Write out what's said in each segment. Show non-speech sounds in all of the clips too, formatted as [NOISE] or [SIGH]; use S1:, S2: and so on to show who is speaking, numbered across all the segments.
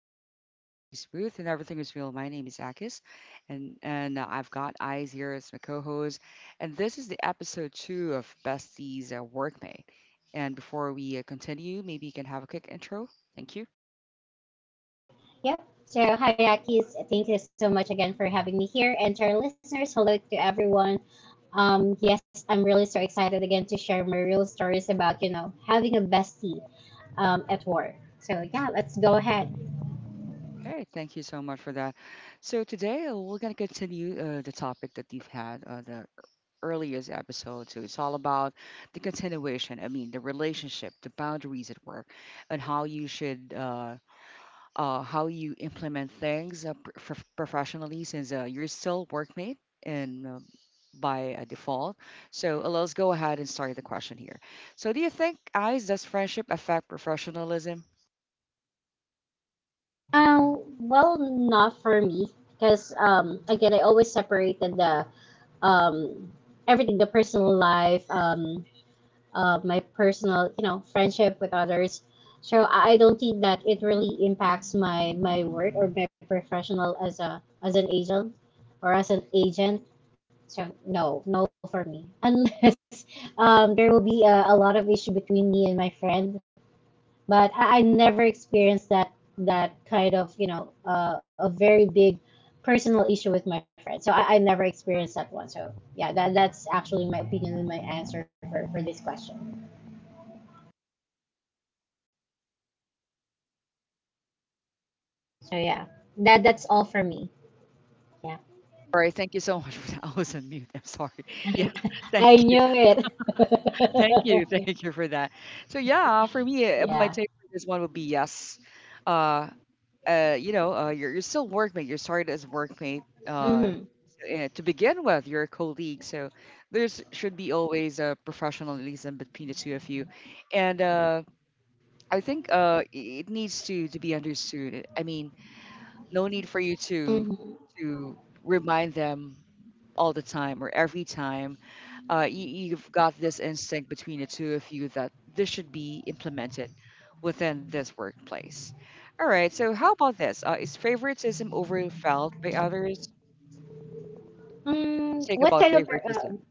S1: easy and the vibe stays smooth and everything is real. My name is Akis, and I've got Eyes here as my co-host, and this is the episode two of Bestie's Workmate. And before we continue, maybe you can have a quick intro. Thank you.
S2: Yep. So hi, Aki's. Thank you so much again for having me here. And to our listeners, hello to everyone. Yes, I'm really so excited again to share my real stories about, you know, having a bestie at work. So yeah, let's go ahead.
S1: Okay, thank you so much for that. So today we're gonna continue the topic that we've had on the earliest episode. So it's all about the continuation. I mean, the relationship, the boundaries at work, and how you should how you implement things professionally since you're still workmate and by default. So let's go ahead and start the question here. So do you think, guys, does friendship affect professionalism?
S2: Well, not for me, because again, I always separated the um, everything, the personal life, of my personal, you know, friendship with others. So I don't think that it really impacts my work or my professional as a as an agent or as an agent. So no, no for me. [LAUGHS] Unless there will be a lot of issue between me and my friend, but I never experienced that that kind of you know a very big personal issue with my friend. So I never experienced that one. So yeah, that's actually my opinion and my answer for this question. So yeah, that's all for me. Yeah,
S1: All right, thank you so [LAUGHS] much for that. [LAUGHS] I was on mute. I'm sorry.
S2: [LAUGHS]
S1: [LAUGHS]
S2: I,
S1: Yes, thank
S2: I knew it.
S1: Thank you, [LAUGHS]
S2: [LAUGHS]
S1: thank you for that. So yeah, for me, my
S2: Yeah.
S1: take for this one would be yes. Uh, you know, you're still workmate. You started as workmate uh,
S2: Hmm.
S1: uh, to begin with. You're a colleague, so there's should be always a professionalism between the two of you. And I think it needs to be understood. I mean, no need for you to
S2: Hmm.
S1: to remind them all the time or every time. You've got this instinct between the two of you that this should be implemented within this workplace. All right. So how about this? Is favoritism overfelt by others? What's your
S2: Mm,
S1: take
S2: what
S1: about
S2: kind of
S1: favoritism?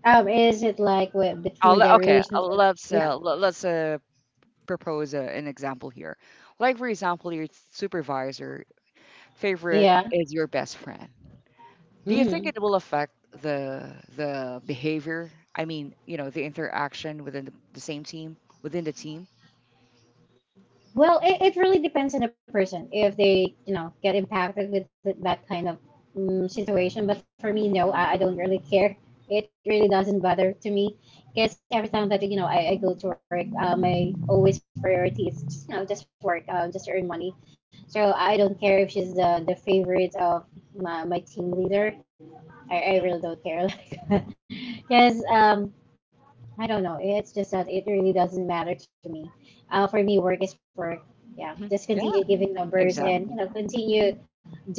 S2: is it like between
S1: I'll,
S2: the
S1: le- okay.
S2: relationship?
S1: Let's
S2: Yeah.
S1: le- let's propose an example here. Like for example, your supervisor favorite
S2: Yeah.
S1: is your best friend. Do you think
S2: Hmm.
S1: it will affect the the behavior? I mean, you know, the interaction within the same team, within the team?
S2: Well, it really depends on the person if they, you know, get impacted with that kind of situation. But for me, no, I don't really care. It really doesn't bother to me because every time that you know I go to work, my always priority is just, you know just work, just earn money. So I don't care if she's the favorite of my team leader. I really don't care [LAUGHS] because I don't know. It's just that it really doesn't matter to me. For me, work is work. Yeah,
S1: Hmm.
S2: just
S1: Yeah,
S2: continue giving numbers
S1: exactly.
S2: and you know continue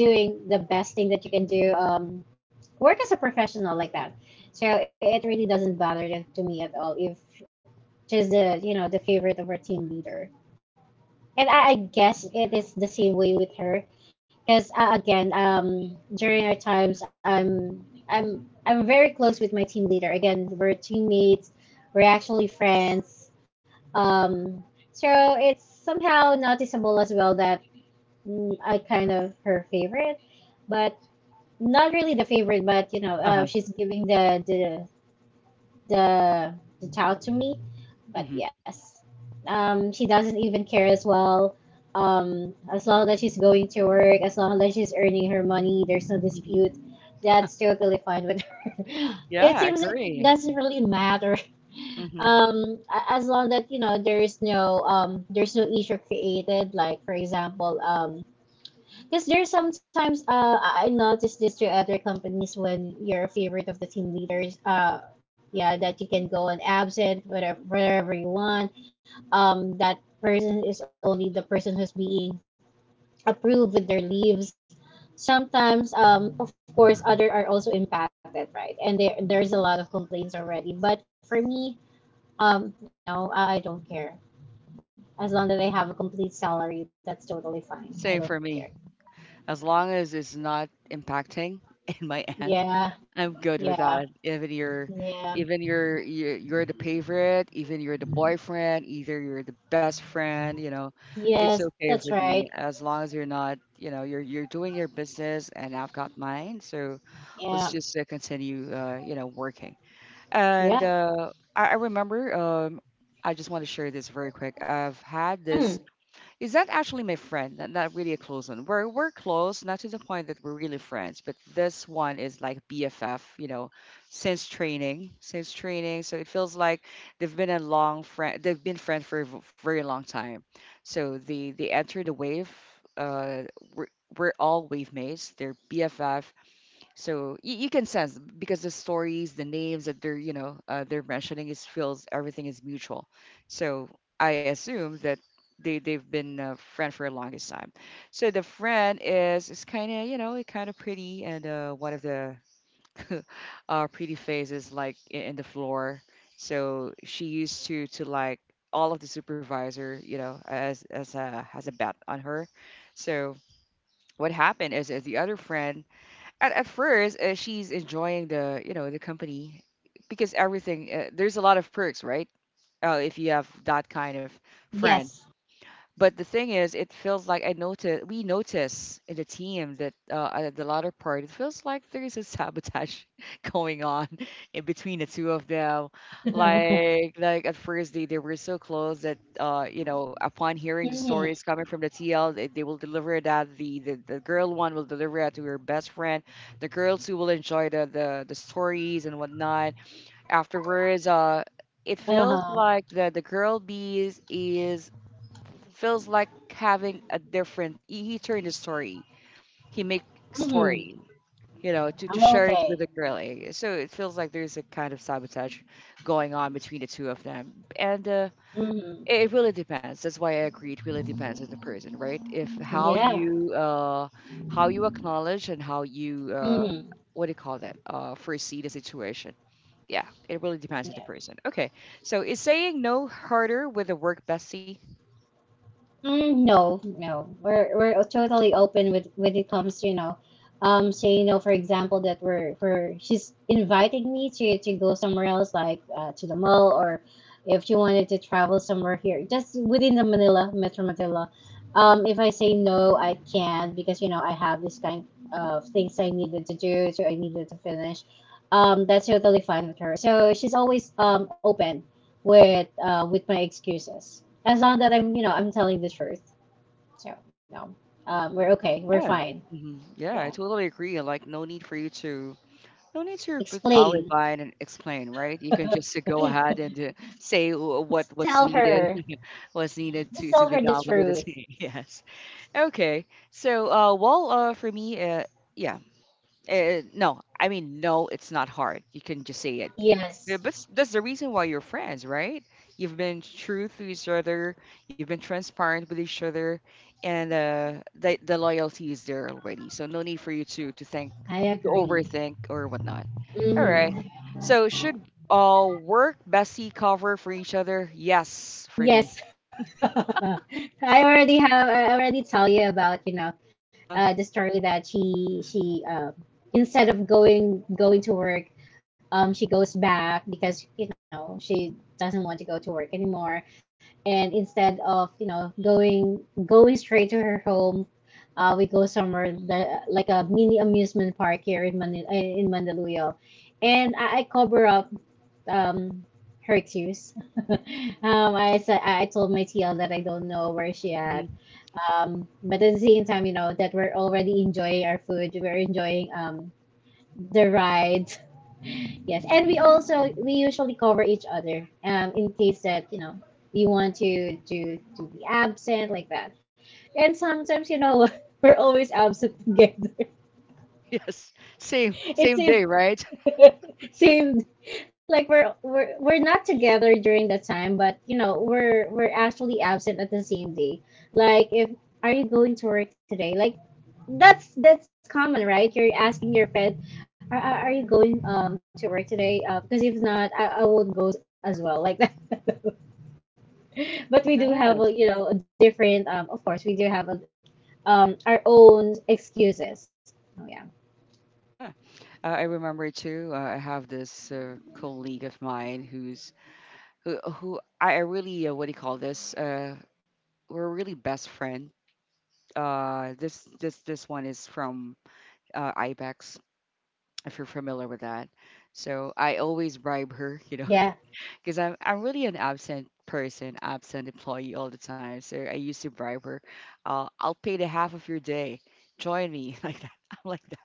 S2: doing the best thing that you can do. Work as a professional like that. So it really doesn't bother to me at all if she's the you know the favorite of our team leader. And I guess it is the same way with her, because again, during our times, I'm I'm very close with my team leader. Again, we're teammates, we're actually friends. Um, so it's somehow noticeable as well that mm, I kind of her favorite, but not really the favorite. But you know,
S1: Uh huh.
S2: she's giving the the tout to me. But
S1: Hmm.
S2: yes, she doesn't even care as well as long as she's going to work, as long as she's earning her money, there's no dispute.
S1: Hmm.
S2: That's totally fine with her. [LAUGHS]
S1: Yeah,
S2: It
S1: I
S2: seems like it
S1: agree.
S2: doesn't really matter. [LAUGHS]
S1: Hmm.
S2: Um, as long that you know there is no there's no issue created. Like for example, because there's sometimes I noticed this to other companies when you're a favorite of the team leaders. Yeah, that you can go on absent whatever wherever you want. That person is only the person who's being approve with their leaves. Sometimes, of course, other are also impacted, right? And there's a lot of complaints already. But for me, um, no, I don't care. As long as I have a complete salary, that's totally fine.
S1: Same
S2: I
S1: for
S2: don't care.
S1: me. As long as it's not impacting [LAUGHS] in my end,
S2: Yeah,
S1: I'm good
S2: yeah,
S1: with that. Even you're,
S2: yeah.
S1: even you're, you're, you're the favorite, even you're the boyfriend, either you're the best friend, you know, it's
S2: Yes,
S1: okay
S2: that's
S1: with me
S2: right.
S1: as long as you're not, you know, you're doing your business and I've got mine. So let's
S2: Yeah,
S1: just continue, you know, working. And
S2: yeah.
S1: I remember, I just want to share this very quick. I've had
S2: Mm,
S1: this is that actually my friend? Not really a close one. We're close, not to the point that we're really friends, but this one is like BFF, you know, since training. So it feels like they've been a long friend. They've been friends for a very long time. So they enter the wave. Uh, we're we're all wave mates. They're BFF. So you can sense because the stories, the names that they're you know they're mentioning is feels everything is mutual. So I assume that they've been a friend for a longest time. So the friend is kind of you know kind of pretty and one of the [LAUGHS] pretty faces like in the floor. So she used to like all of the supervisor you know as a has a bet on her. So what happened is the other friend at first she's enjoying the you know the company because everything there's a lot of perks right if you have that kind of friend,
S2: yes.
S1: but the thing is, it feels like I notice we notice in the team that at the latter part, it feels like there is a sabotage [LAUGHS] going on [LAUGHS] in between the two of them.
S2: [LAUGHS] Mm,
S1: Like at first they were so close that you know upon hearing the stories coming from the TL, they will deliver that the girl one will deliver it to her best friend, the girls who will enjoy the stories and whatnot. Afterwards. It feels like
S2: uh-huh.
S1: the girl bees is it feels like having a different. He turned his story. He make
S2: Mm,
S1: story. You know, to
S2: I'm
S1: share it with
S2: okay.
S1: the girl. Eh. So it feels like there's a kind of sabotage going on between the two of them. And uh, it
S2: Mm,
S1: it really depends. That's why I agree. It really depends on the person, right? If how
S2: yeah.
S1: you how you acknowledge and how you
S2: Mm.
S1: what do you call that foresee the situation. Yeah, it really depends on the person. Okay, so is saying no harder with a work bestie?
S2: Mm, no, no. We're totally open with when it comes, you know, say you know, for example, that we're for she's inviting me to go somewhere else, like to the mall, or if she wanted to travel somewhere here, just within the Manila Metro Manila. If I say no, I can't because you know I have this kind of things I needed to do, so I needed to finish. That's totally fine with her. So she's always open with with my excuses as long that I'm you know I'm telling the truth. So no, we're okay. We're
S1: Yeah.
S2: fine.
S1: Mhm. Yeah, I
S2: Yeah.
S1: totally agree. Like, no need for you to, no need to put
S2: Explain.
S1: olive vine and explain, right? You can just to go
S2: [LAUGHS]
S1: ahead and to say
S2: Just
S1: what's
S2: tell
S1: needed,
S2: her.
S1: [LAUGHS] what's needed to
S2: Just
S1: to
S2: tell
S1: be
S2: her
S1: done
S2: the
S1: with it.
S2: truth.
S1: [LAUGHS] Yes. Okay. So, well, for me, yeah. Eh, no, I mean, no, it's not hard. You can just say it. Yeah,
S2: Yes,
S1: but that's the reason why you're friends, right? You've been true to each other. You've been transparent with each other, and the loyalty is there already. So no need for you to think,
S2: I
S1: to
S2: agree.
S1: overthink or whatnot. All
S2: Hmm.
S1: right. So should work bestie cover for each other? Yes, for me.
S2: Yes. [LAUGHS] I already have. I already tell you about you know,
S1: Uh huh.
S2: the story that she instead of going to work, she goes back because you know she doesn't want to go to work anymore. And instead of you know going straight to her home, we go somewhere the, like a mini amusement park here in Manila, in Mandaluyong, and I cover up um, her excuse. [LAUGHS] I said I told my TL that I don't know where she at.
S1: Hmm.
S2: But at the same time, you know that we're already enjoying our food, we're enjoying the ride. Yes, and we also we usually cover each other in case that you know we want to to be absent like that. And sometimes you know [LAUGHS] we're always absent together. [LAUGHS]
S1: [LAUGHS] Yes. Same
S2: It
S1: same
S2: seems
S1: day, right? [LAUGHS]
S2: Seems like we're not together during the time, but you know we're actually absent at the same day. Like if are you going to work today? Like that's common, right? You're asking your friend, are you going to work today? Because if not, I won't go as well like that. [LAUGHS] But we do have a
S1: Yes.
S2: you know a different of course we do have a, um our own excuses. Oh yeah.
S1: Yeah. I remember too. I have this colleague of mine who I really what do you call this? We're really best friend. This one is from Ibex. If you're familiar with that, so I always bribe her, you know,
S2: Yeah.
S1: [LAUGHS] because I'm really an absent person, absent employee all the time. So I used to bribe her. I'll pay the half of your day. Join me [LAUGHS] like that. I'm like that.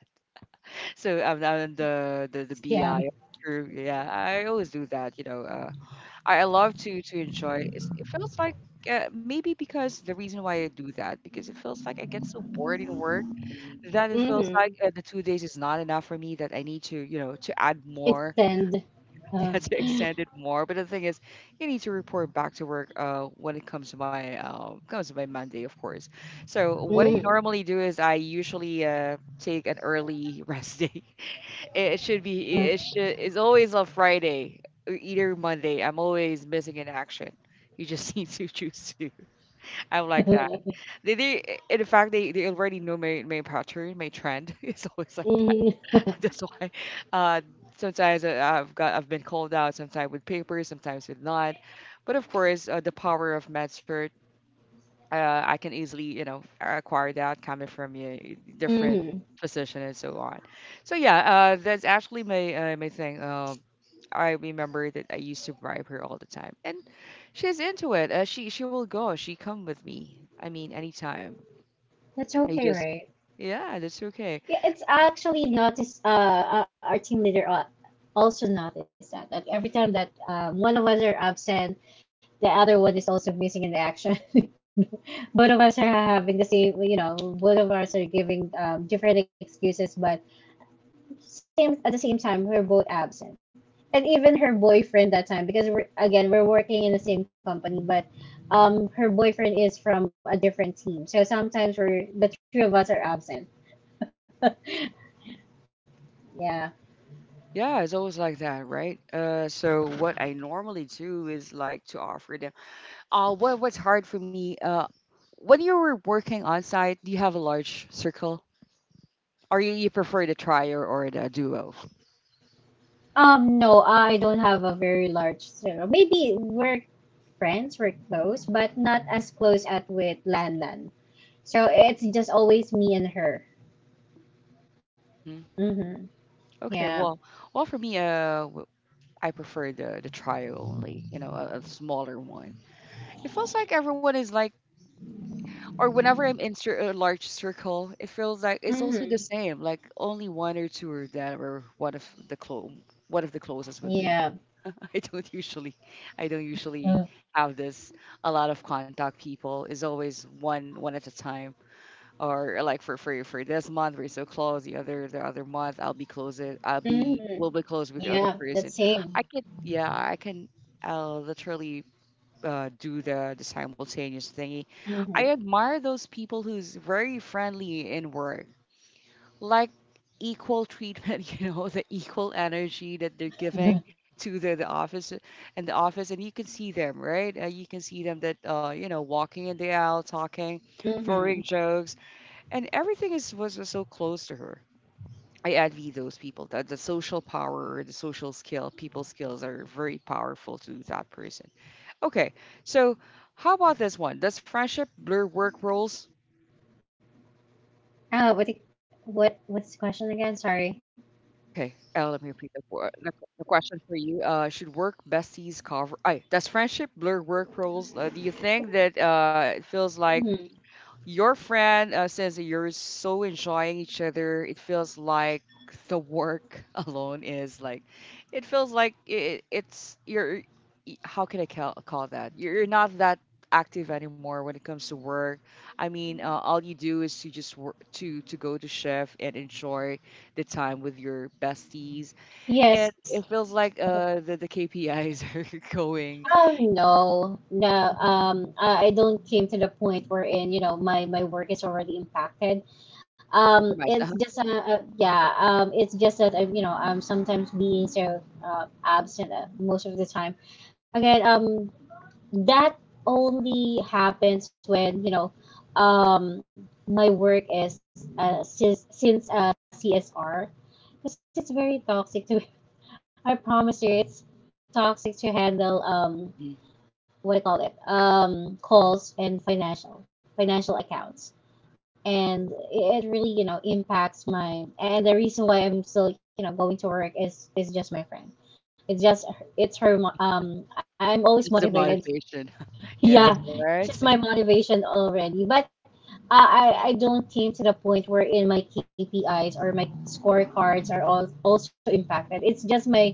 S1: So I'm, I the
S2: Yeah.
S1: BI crew. Yeah, I always do that. You know, I love to enjoy. It's, it feels like maybe because the reason why I do that because it feels like I get so bored in work that it feels
S2: Mm-hmm.
S1: like the 2 days is not enough for me that I need to you know to add more
S2: Extend,
S1: [LAUGHS]
S2: uh,
S1: yeah, to extend it more. But the thing is, you need to report back to work when it comes to my comes to my Monday, of course. So what
S2: mm-hmm.
S1: I normally do is I usually take an early [LAUGHS] rest day. It should be it should it's always on Friday, or either Monday. I'm always missing in action. You just [LAUGHS] need to choose to. I'm like that. They in fact they already know my pattern, my trend. [LAUGHS] It's always like [LAUGHS] That's why uh, sometimes I've got I've been called out sometimes with papers, sometimes with not. But of course, the power of MedCert, I can easily you know acquire that coming from a different
S2: Mm-hmm.
S1: position and so on. So yeah, that's actually my my thing. I remember that I used to bribe her all the time, and she's into it. She will go. She come with me. I mean, anytime.
S2: That's
S1: I
S2: okay,
S1: just
S2: right?
S1: yeah, that's okay.
S2: Yeah, it's actually noticed our team leader also noticed that like every time that one of us are absent, the other one is also missing in the action. [LAUGHS] Both of us are having the same you know both of us are giving different excuses, but same at the same time we were both absent. And even her boyfriend at that time, because we're again we're working in the same company, but her boyfriend is from a different team, so sometimes we're the three of us are absent. [LAUGHS] Yeah.
S1: Yeah, it's always like that, right? So what I normally do is like to offer them. What what's hard for me? When you were working on site, do you have a large circle, or you prefer the trio or the duo?
S2: No, I don't have a very large circle. Maybe we're friends, we're close, but not as close as with Lan Lan. So it's just always me and her.
S1: Hmm.
S2: Mm-hmm.
S1: Okay,
S2: Yeah.
S1: well, for me, I prefer the trio only. You know, a smaller one. It feels like everyone is like or whenever I'm in a large circle, it feels like it's also the
S2: Mm-hmm.
S1: same. Like only one or two are that are one of the one of the closest with me.
S2: Yeah.
S1: [LAUGHS] I don't usually, I don't usually have this. A lot of contact people is always one at a time. Or like for for this month we're so close. The other month I'll be close. I'll be will be
S2: Mm-hmm.
S1: close with the other
S2: Yeah,
S1: person.
S2: the
S1: I
S2: same.
S1: can yeah I can. I'll literally do the simultaneous thingy. I
S2: Hmm.
S1: admire those people who's very friendly in work, like equal treatment, [LAUGHS] you know, the equal energy that they're giving to the office, and you can see them, right? You can see them that you know walking in the aisle, talking, throwing
S2: Mm-hmm.
S1: jokes, and everything was so close to her. I envy those people that the social power the social skill, people skills are very powerful to that person. Okay, so how about this one? Does friendship blur work roles?
S2: Oh, what's the question again? Sorry.
S1: Okay, let me repeat the, the question for you. Should work besties cover? I does friendship blur work roles? Do you think that it feels like
S2: Hmm.
S1: your friend says that you're so enjoying each other. It feels like the work [LAUGHS] alone is like, it feels like it's you're. How can I call that? You're not that active anymore when it comes to work. I mean, all you do is to just work to go to shift and enjoy the time with your besties, and
S2: Yes.
S1: it feels like the KPIs are [LAUGHS] going.
S2: Oh no, no.
S1: Mhm.
S2: I don't came to the point wherein, you know, my work is already impacted.
S1: A
S2: Um,
S1: Compromise.
S2: it's
S1: Uh-huh.
S2: just yeah. It's just that I'm, you know, I'm sometimes being so absent most of the time. Again, that only happens when, you know, um, my work is since CSR, because it's very toxic to [LAUGHS] I promise you it's toxic to handle
S1: Hmm.
S2: what do you call it, calls and financial accounts, and it really you know impacts my, and the reason why I'm still you know going to work is just my friend. It's just it's her. um I'm always
S1: It's the
S2: motivated.
S1: motivation. [LAUGHS]
S2: [LAUGHS]
S1: Yes,
S2: Yeah,
S1: right?
S2: she's my motivation already, but I don't came to the point wherein my KPIs or my scorecards are also impacted. It's just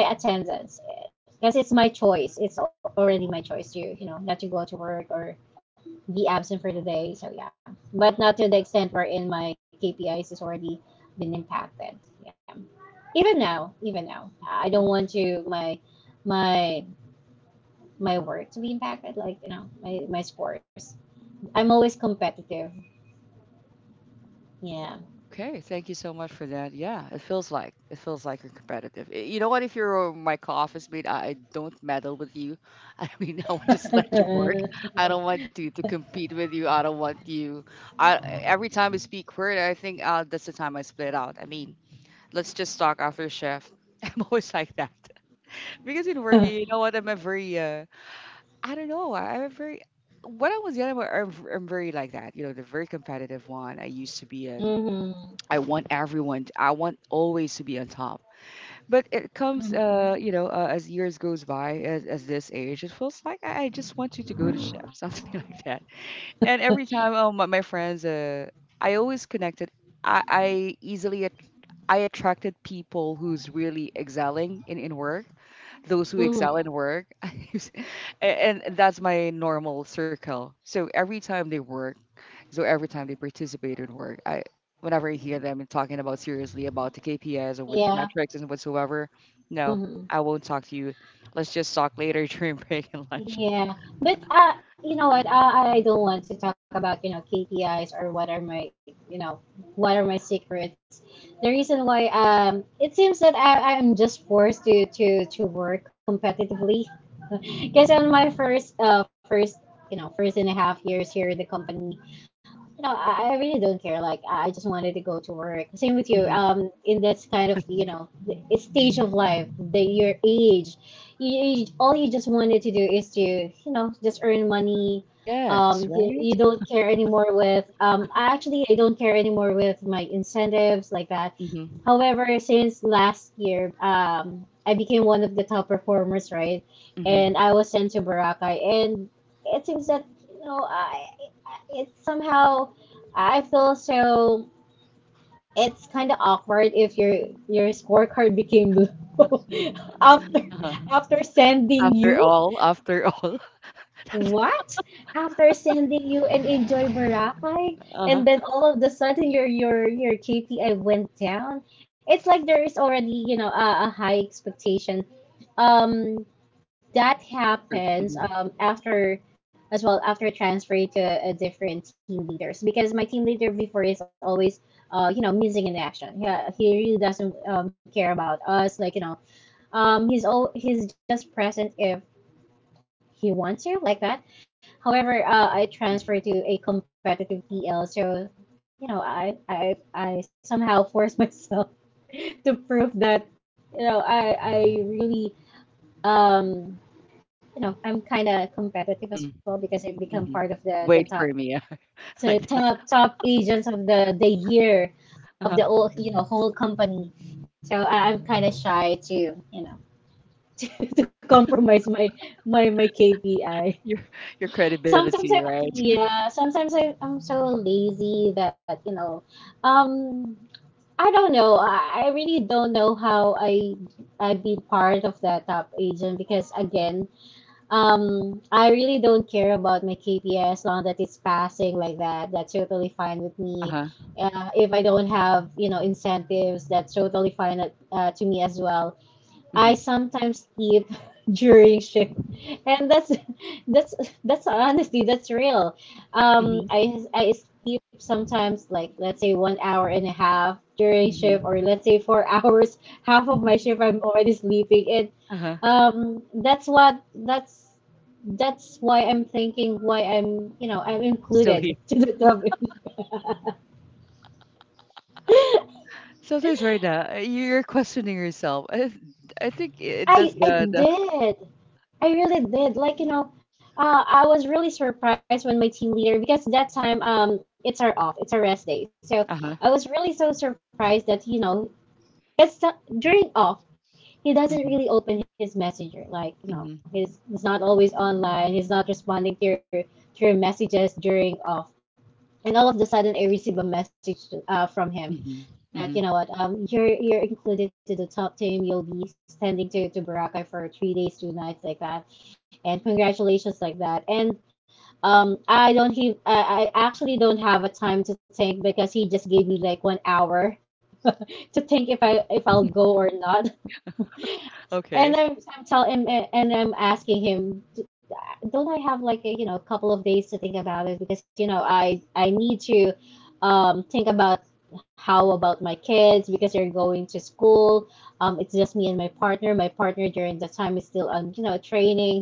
S2: my attendance, because it's my choice. It's already my choice to you know not to go to work or be absent for the day. So yeah, but not to the extent wherein my KPIs is already been impacted. Yeah, even now,
S1: Mhm,
S2: I don't
S1: mhm.
S2: want to my my work to be impacted. Like you know my scores. I'm always competitive. Yeah.
S1: Okay, thank you so much for that. Yeah, it feels like you're competitive. You know what? If you're my co-office mate, I don't meddle with you. [LAUGHS] I mean, I would just let you work.
S2: [LAUGHS]
S1: I don't want you to compete with you. I don't want you. I every time we speak word, I think that's the time I split out. I mean, let's just talk after shift. [LAUGHS] I'm always like that [LAUGHS] because in work, you
S2: Hmm.
S1: know what? I'm a very I don't know. I'm a very when I was young, I'm very like that. You know, the very competitive one. I used to be in
S2: Hmm.
S1: I want everyone. I want always to be on top. But it comes, you know, as years goes by, as this age, it feels like I just want you to go to chef, [LAUGHS] something like that. And every time, my friends, I always connected. I easily, I attracted people who's really excelling in work, those who excel in work, [LAUGHS] and, that's my normal circle. So every time they work, so every time they participate in work, I, whenever I hear them talking about seriously about the KPIs or what,
S2: Yeah.
S1: metrics and whatsoever, no,
S2: Hmm.
S1: I won't talk to you. Let's just talk later [LAUGHS] during break and lunch.
S2: Yeah. But you know what? I don't want to talk about, you know, KPIs or what are my, you know, what are my secrets. The reason why it seems that I'm just forced to to work competitively [LAUGHS] because on my first you know first and a half years here at the company, no, I really don't care. Like I just wanted to go to work. Same with you.
S1: Hmm.
S2: In this kind
S1: Yeah.
S2: of you know the stage of life, the your age, you all you just wanted to do is to you know just earn money.
S1: Yes.
S2: You, you
S1: Right.
S2: don't care anymore with. I Actually, I don't care anymore with my incentives like that.
S1: Hmm.
S2: However, since last year, I became one of the top performers, right? And
S1: Mhm.
S2: I was sent to Boracay, and it seems that you know I it somehow I feel so it's kind of awkward if your your scorecard became low [LAUGHS] after
S1: Uh-huh.
S2: after sending
S1: After
S2: you
S1: all, after all. [LAUGHS]
S2: what after sending you and enjoy Boracay
S1: Uh-huh.
S2: and then all of a sudden your KPI went down. It's like there is already you know a high expectation Um, that
S1: True.
S2: happens
S1: Mhm.
S2: after as well after transferring to a different team leaders because my team leader before is always you know missing in action, yeah. He really doesn't care about us, like, you know, he's just present if he wants to, like that. However, I
S1: Mhm.
S2: transferred to a competitive PL, so you know I somehow forced myself [LAUGHS] to prove that you know I really um you know, I'm kind of competitive as well
S1: Mhm.
S2: because I'm
S1: Mhm.
S2: part of the, the
S1: Wait for
S2: top
S1: me, yeah, [LAUGHS]
S2: the
S1: like that.
S2: top top agents of the year of the
S1: Uh-huh.
S2: whole you know whole company. So I'm kind of shy to you know [LAUGHS] to compromise my KPI.
S1: [LAUGHS] Your your credibility,
S2: Sometimes,
S1: right?
S2: yeah, sometimes I'm so lazy that um I don't know. I really don't know how I be part of that top agent because again, I really don't care about my KPI as long that it's passing like that. That's totally fine with me.
S1: Uh-huh.
S2: If I don't have, incentives, that's totally fine to me as well. I
S1: Mhm.
S2: sometimes sleep [LAUGHS] during shift, and that's that's honesty. That's real. Um,
S1: Mhm.
S2: I sleep sometimes, like, let's say 1 hour and a half during shift, or
S1: Mhm.
S2: let's say 4 [LAUGHS] hours. Half of my shift I'm already sleeping, and
S1: Uh-huh.
S2: that's what that's why I'm thinking why I'm you know I'm
S1: Still here.
S2: included [LAUGHS] to the topic.
S1: Sometimes right now, you're questioning yourself. I think it
S2: [LAUGHS]
S1: does
S2: I
S1: the the.
S2: did it. I really did. Like, you know, I was really surprised when my team leader, because that time, it's our off, it's our rest day. So
S1: Uh-huh.
S2: I was really so surprised that it's not, during off he doesn't
S1: Mhm.
S2: really open his messenger. Like,
S1: Mhm.
S2: he's not always online. He's not responding to your messages during off. And all of the sudden I received a message from him
S1: Mhm.
S2: that, you
S1: Mhm.
S2: know what, you're included to the top team, you'll be sending to Boracay for 3 days 2 nights, like that, and congratulations, like that. And um I actually don't have a time to think because he just gave me like 1 hour [LAUGHS] to think if
S1: Mhm.
S2: I if I'll go or not. And
S1: Okay.
S2: I'm telling him, and I'm asking him, don't I have like a, you know a couple of days to think about it? Because I need to think about how about my kids, because they're going to school. It's just me and my partner. My partner during that time is still on, training,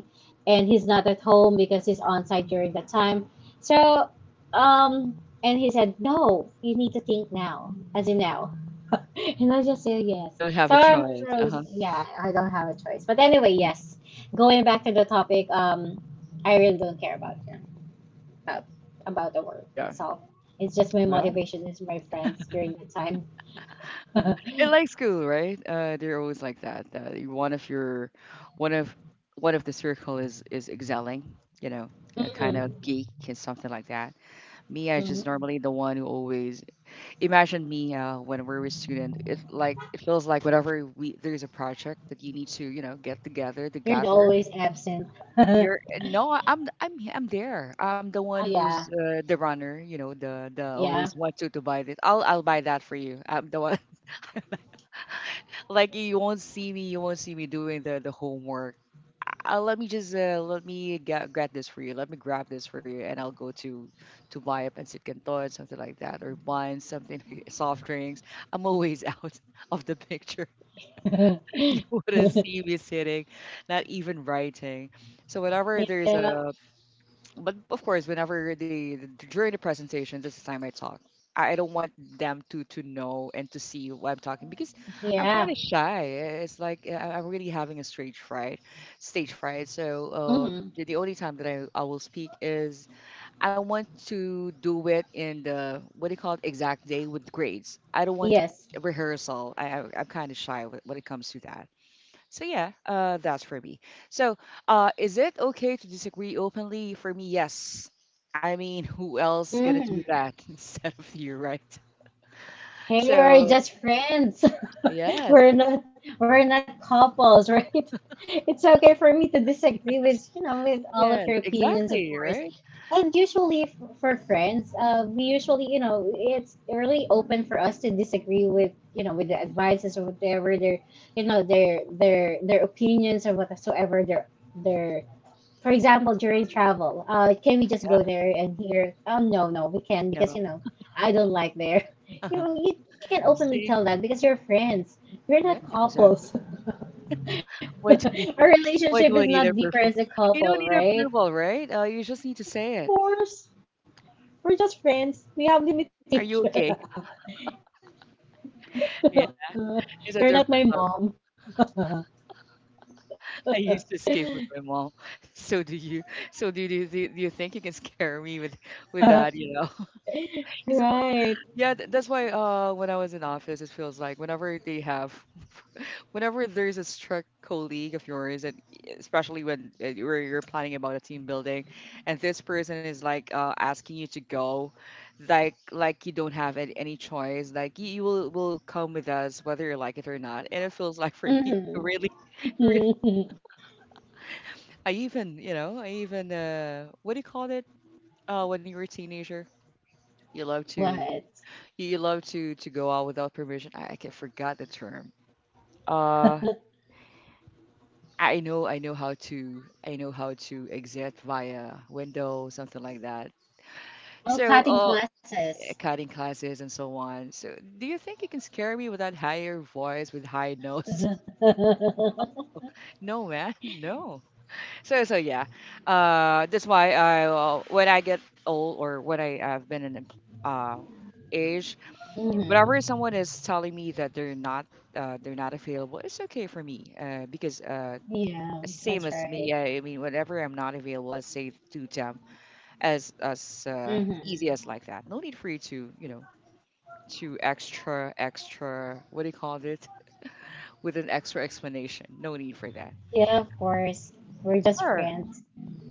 S2: and he's not at home because he's on site during that time. So and he said no, you need to think now, as in now. [LAUGHS] And I just say yes.
S1: You don't have a choice. Uh-huh.
S2: Yeah. I don't have a choice. But anyway,
S1: Mhm.
S2: yes. Going back to the topic, I really don't care about, about the work
S1: Yeah.
S2: itself. It's just my
S1: Yeah.
S2: motivation is my friends during the
S1: [LAUGHS]
S2: time.
S1: Uh-huh.
S2: [LAUGHS]
S1: And like school, right? They're always like that. One of your, one of, one of the circle is excelling, you know, a kind of
S2: Mm,
S1: geek and something like that. Me, I just
S2: mm.
S1: normally the one who always imagine me when we are a student. It like it feels like whenever we there's a project that you need to you know get together to
S2: You're the
S1: gather.
S2: always absent. [LAUGHS] Yeah,
S1: You're no, I'm there. I'm the one who's the runner, you know, the
S2: yeah,
S1: always want to buy this. I'll buy that for you. I'm the one. Like you won't see me you won't see me doing the homework. Let me just let me get this for you, let me grab this for you, and I'll go to buy a pancit canton something like that or wine something like- [LAUGHS] soft drinks. I'm always out [LAUGHS] of the picture.
S2: [LAUGHS]
S1: [LAUGHS] You wouldn't see me sitting, not even writing, so whenever there's
S2: yeah.
S1: a but of course, whenever they during the presentation, this is the time I talk. I don't want them to know and to see what I'm talking because I'm
S2: Yeah.
S1: kind of shy. It's like I'm really having a stage fright, stage fright. So
S2: Hmm.
S1: the only time that I will speak is I want to do it in the what do you call it exact day with grades. I don't want
S2: Yes.
S1: rehearsal. I'm kind of shy when it comes to that. So yeah, that's for me. So is it okay to disagree openly? For me, yes. I mean, who else gonna do
S2: Hmm.
S1: that [LAUGHS] instead of you, right?
S2: Hey, we're
S1: So
S2: just friends. [LAUGHS] We're
S1: yes,
S2: not. We're not couples, right? [LAUGHS] It's okay for me to disagree with you know
S1: [LAUGHS]
S2: with all of your
S1: yeah,
S2: opinions
S1: exactly,
S2: of.
S1: right?
S2: And usually for friends, we usually, it's really open for us to disagree with the
S1: Mhm.
S2: advices, or whatever their opinions or whatsoever their. For example, during travel, can we just go
S1: Yeah,
S2: there and here? Oh, no, no, we can't, because
S1: no,
S2: I don't like there. [LAUGHS] You
S1: uh-huh.
S2: know, you can openly
S1: See,
S2: tell that because you're friends. We're
S1: yeah,
S2: not
S1: exactly.
S2: couples.
S1: Why do we?
S2: [LAUGHS] Our
S1: [LAUGHS]
S2: relationship
S1: Why do
S2: is
S1: I
S2: not
S1: need
S2: deeper
S1: approval? You
S2: couple,
S1: don't need
S2: right?
S1: approval, right? You just need to say it.
S2: We're, we're just friends. We have
S1: Are
S2: limitations.
S1: you okay? [LAUGHS] Yeah,
S2: [LAUGHS]
S1: it's a
S2: You're not my
S1: different level.
S2: mom. [LAUGHS]
S1: [LAUGHS] I used to escape with my mom. [LAUGHS] So do you. So do you, do you think you can scare me with that, you know? [LAUGHS] It's about,
S2: Right.
S1: yeah, that's why when I was in office, it feels like whenever they have whenever there's a strict colleague of yours and eh, especially when you're planning about a team building and this person is like asking you to go like you don't have any choice, like you, will come with us whether you like it or not. And it feels like for me [LAUGHS]
S2: Mm-hmm.
S1: really. [LAUGHS]
S2: [LAUGHS]
S1: I even, you know, I even what do you call it? Uh, when you were a teenager, you love to
S2: What?
S1: you you love to go out without permission. I can forgot the term. Uh, I know how to I know how to exit via window, something like that.
S2: Oh,
S1: So
S2: cutting
S1: uh,
S2: classes.
S1: yeah, cutting classes and so on. So do you think you can scare me with that higher voice with high nose? [LAUGHS]
S2: [LAUGHS]
S1: No man, no. So so yeah, that's why I when I get old or when I have been in uh, age,
S2: Hmm.
S1: whenever someone is telling me that they're not available, it's okay for me because
S2: Yeah, that's
S1: same as
S2: right.
S1: me. I mean, whenever I'm not available, I say to them as
S2: Hmm.
S1: easy as like that. No need for you to you know to extra what do you call it with an extra explanation. No need for that.
S2: Yeah, of course. We're just
S1: Sure.
S2: friends.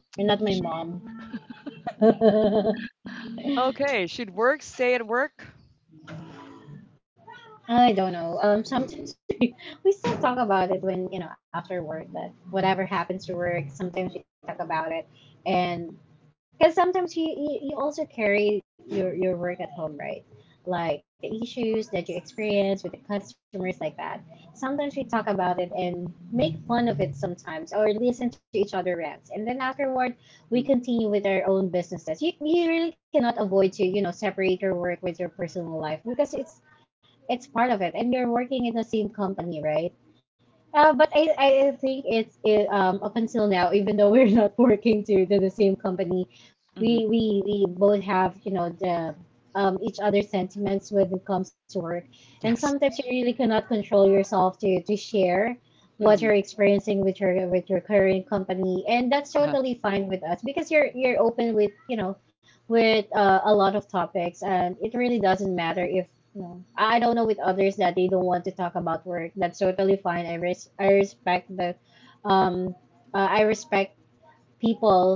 S2: You're not my mom. [LAUGHS]
S1: Okay. Should work stay at work?
S2: I don't know. Sometimes we still talk about it when, after work. That whatever happens to work, sometimes we talk about it, and because sometimes you also carry your work at home, right? Like the issues that you experience with the customers, like that. Sometimes we talk about it and make fun of it sometimes, or listen to each other rants, and then afterward we
S1: Hmm.
S2: continue with our own businesses. You really cannot avoid to separate your work with your personal life, because it's part of it, and you're working in the same company, right? But I think it's up until now, even though [LAUGHS] we're not working to the same company, we
S1: Mhm.
S2: we we both have, you know the each other's sentiments when it comes to work. And
S1: Yes.
S2: sometimes you really cannot control yourself to share what
S1: Mhm.
S2: you're experiencing with your current company, and that's
S1: Uh-huh.
S2: totally fine with us because you're open with you know with a lot of topics. And it really doesn't matter if, no, I don't know, with others that they don't want to talk about work. That's totally fine. I respect that. Um, I respect people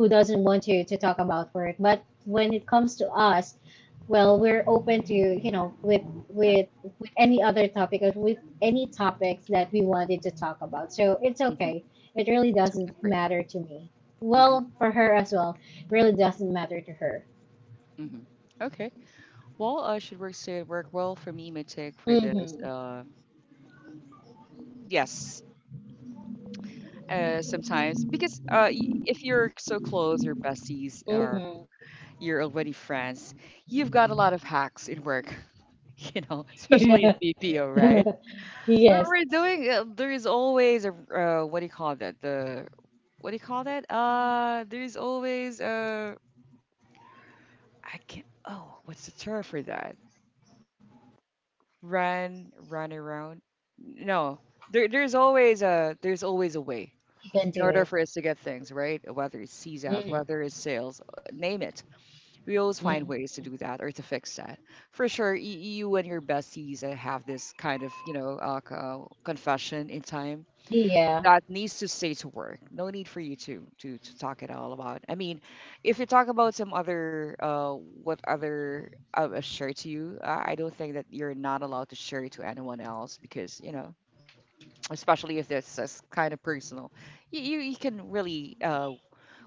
S2: who doesn't want to talk about work. But when it comes to us, well, we're open to, you know with
S1: Oh.
S2: with any other topic, or with any topics that we wanted to talk about. So it's
S1: Mhm.
S2: okay. It really
S1: It's okay for
S2: doesn't
S1: you.
S2: matter to me.
S1: Mhm.
S2: Well, for her as well, really doesn't matter to her.
S1: Mhm. Okay. Well, should work say work well for me. My take for this.
S2: Mm-hmm.
S1: Yes. Sometimes because if you're so close, your besties or
S2: Mm-hmm.
S1: you're already friends, you've got a lot of hacks in work. [LAUGHS] You know, especially in
S2: [LAUGHS]
S1: BPO, right? We're
S2: Yes,
S1: doing. There is always a what do you call that? The what do you call that? There is always a I can't. Oh, what's the term for that? Run around. No, there's always a way
S2: you can
S1: in
S2: do
S1: order
S2: it.
S1: for us to get things right. Whether it's seas out,
S2: Mm-hmm.
S1: whether it's sales, name it, we always find
S2: Hmm.
S1: ways to do that or to fix that. For sure, you and your besties have this kind of you know confession in time
S2: Yeah.
S1: that needs to stay to work. No need for you to to talk at all about. I mean, if you talk about some other what other share to you, I don't think that you're not allowed to share it to anyone else because you know, especially if that's, that's kind of personal, you, you can really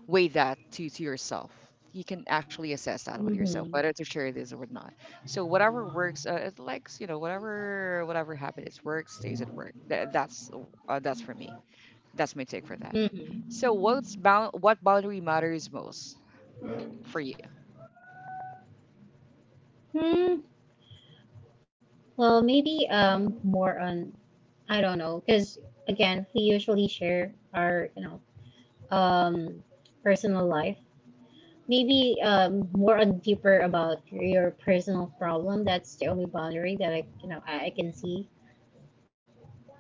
S1: weigh that to yourself. You can actually assess that with yourself
S2: Mm-hmm.
S1: whether to share this or not. So whatever works, it likes you know whatever whatever happens, works stays at work. That, that's for me, that's my take for that.
S2: Mm-hmm.
S1: So what's bound what boundary matters most for you?
S2: Hmm. Well, maybe more on, I don't know, because again we usually share our, um personal life. Maybe more on deeper about your personal problem. That's the only boundary that I can see.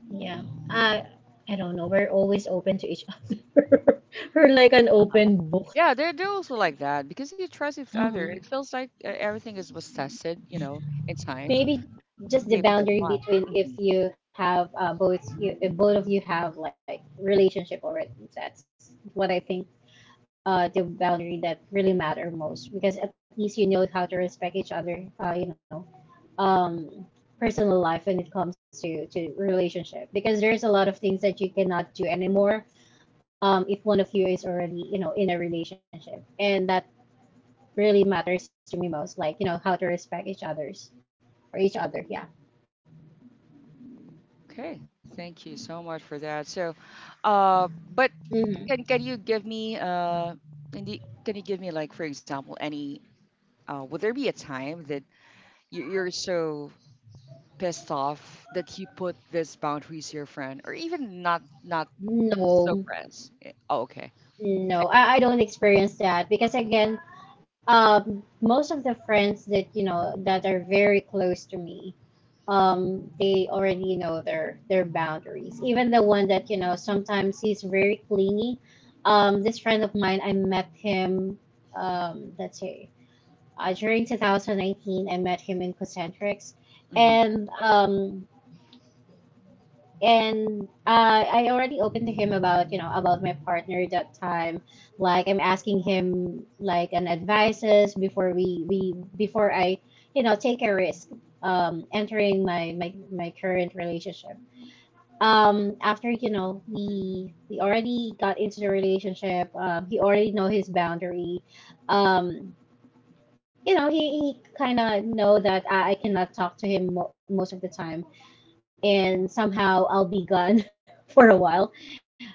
S2: Yeah. I I don't know. We're always open to each [LAUGHS] other. We're like an
S1: Uh-huh.
S2: open book.
S1: Yeah, they're also like that because you trust each other. It feels like everything is was tested, you know, in time,
S2: Maybe
S1: and
S2: just the
S1: maybe that's
S2: boundary
S1: why.
S2: between,
S1: Hmm.
S2: if you have, both you if both of you have like relationship already. That's what I think, the boundary that really matter most, because at least you know how to respect each other, um personal life when it comes to relationship, because there's a lot of things that you cannot do anymore, if one of you is already in a relationship. And that really matters to me most, like, how to respect each other, yeah.
S1: Okay, thank you so much for that. So, but
S2: Mhm.
S1: can you give me can you, can you give me like for example any would there be a time that you, you're so pissed off that you put this boundary to your friend or even not not so
S2: No,
S1: friends. Eh, oh, okay. Six.
S2: no, I don't experience that, because again, um, most of the friends that you know that are very close to me, um, they already know their boundaries. Even the one that, sometimes he's very clingy. This friend of mine, I met him, let's say, during 2019, I met him in Concentrics,
S1: Hmm.
S2: and um, and I already opened to him about you know about my partner at that time. Like, I'm asking him like an advices before we before I take a risk, um entering my current relationship. After, we already got into the relationship. He already know his boundary. Um he kind of know that I cannot talk to him most of the time, and somehow I'll be gone [LAUGHS] for a while.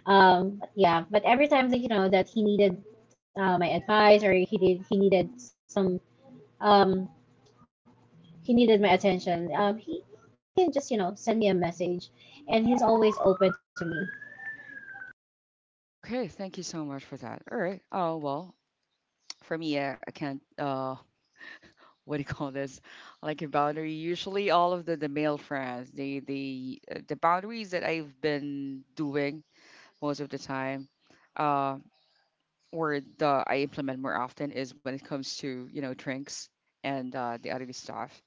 S2: Um, yeah, but every time that that he needed my advice, or he needed some, um, he needed my attention. He can just, send me a message, and he's always open to me.
S1: Okay, thank you so much for that. All right. Oh, well, for me, I can't, [LAUGHS] what do you call this? Like a boundary. Usually, all of the male friends, the boundaries that I've been doing most of the time, uh, or the I implement more often is when it comes to you know drinks and the other stuff.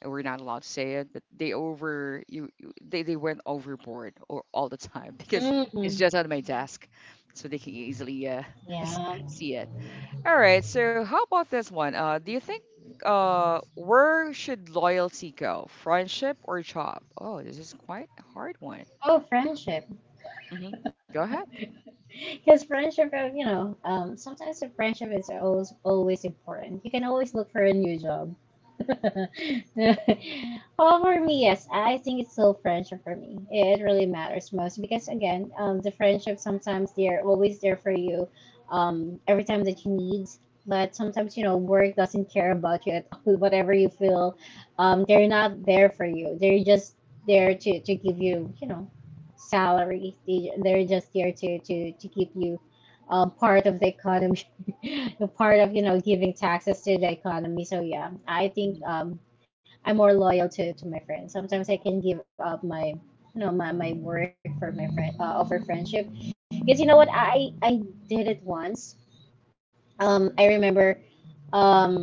S1: And we're not allowed to say it, but they went overboard or all the time [LAUGHS] because
S2: Mm.
S1: it's just on my desk, so they can easily [LAUGHS] s-
S2: Yeah.
S1: see it. All right, so how about this one? Do you think where should loyalty go? Friendship or job? Oh, this is quite a hard one.
S2: Oh, friendship.
S1: Hmm. Go ahead.
S2: Because friendship, sometimes a friendship is always, always important. You can always look for a new job. [LAUGHS] Well, for me, yes, I think it's still friendship for me. It really matters most, because again, the friendship, sometimes they're always there for you, every time that you need. But sometimes, work doesn't care about you at all. [LAUGHS] Whatever you feel, they're not there for you. They're just there to give you, you know salary. They're just there to keep you, part of the economy, [LAUGHS] part of, giving taxes to the economy. So, yeah, I
S1: Hmm.
S2: think, I'm more loyal to my friends. Sometimes I can give up my work for my friend, for friendship. Because you know what? I did it once. I remember, um,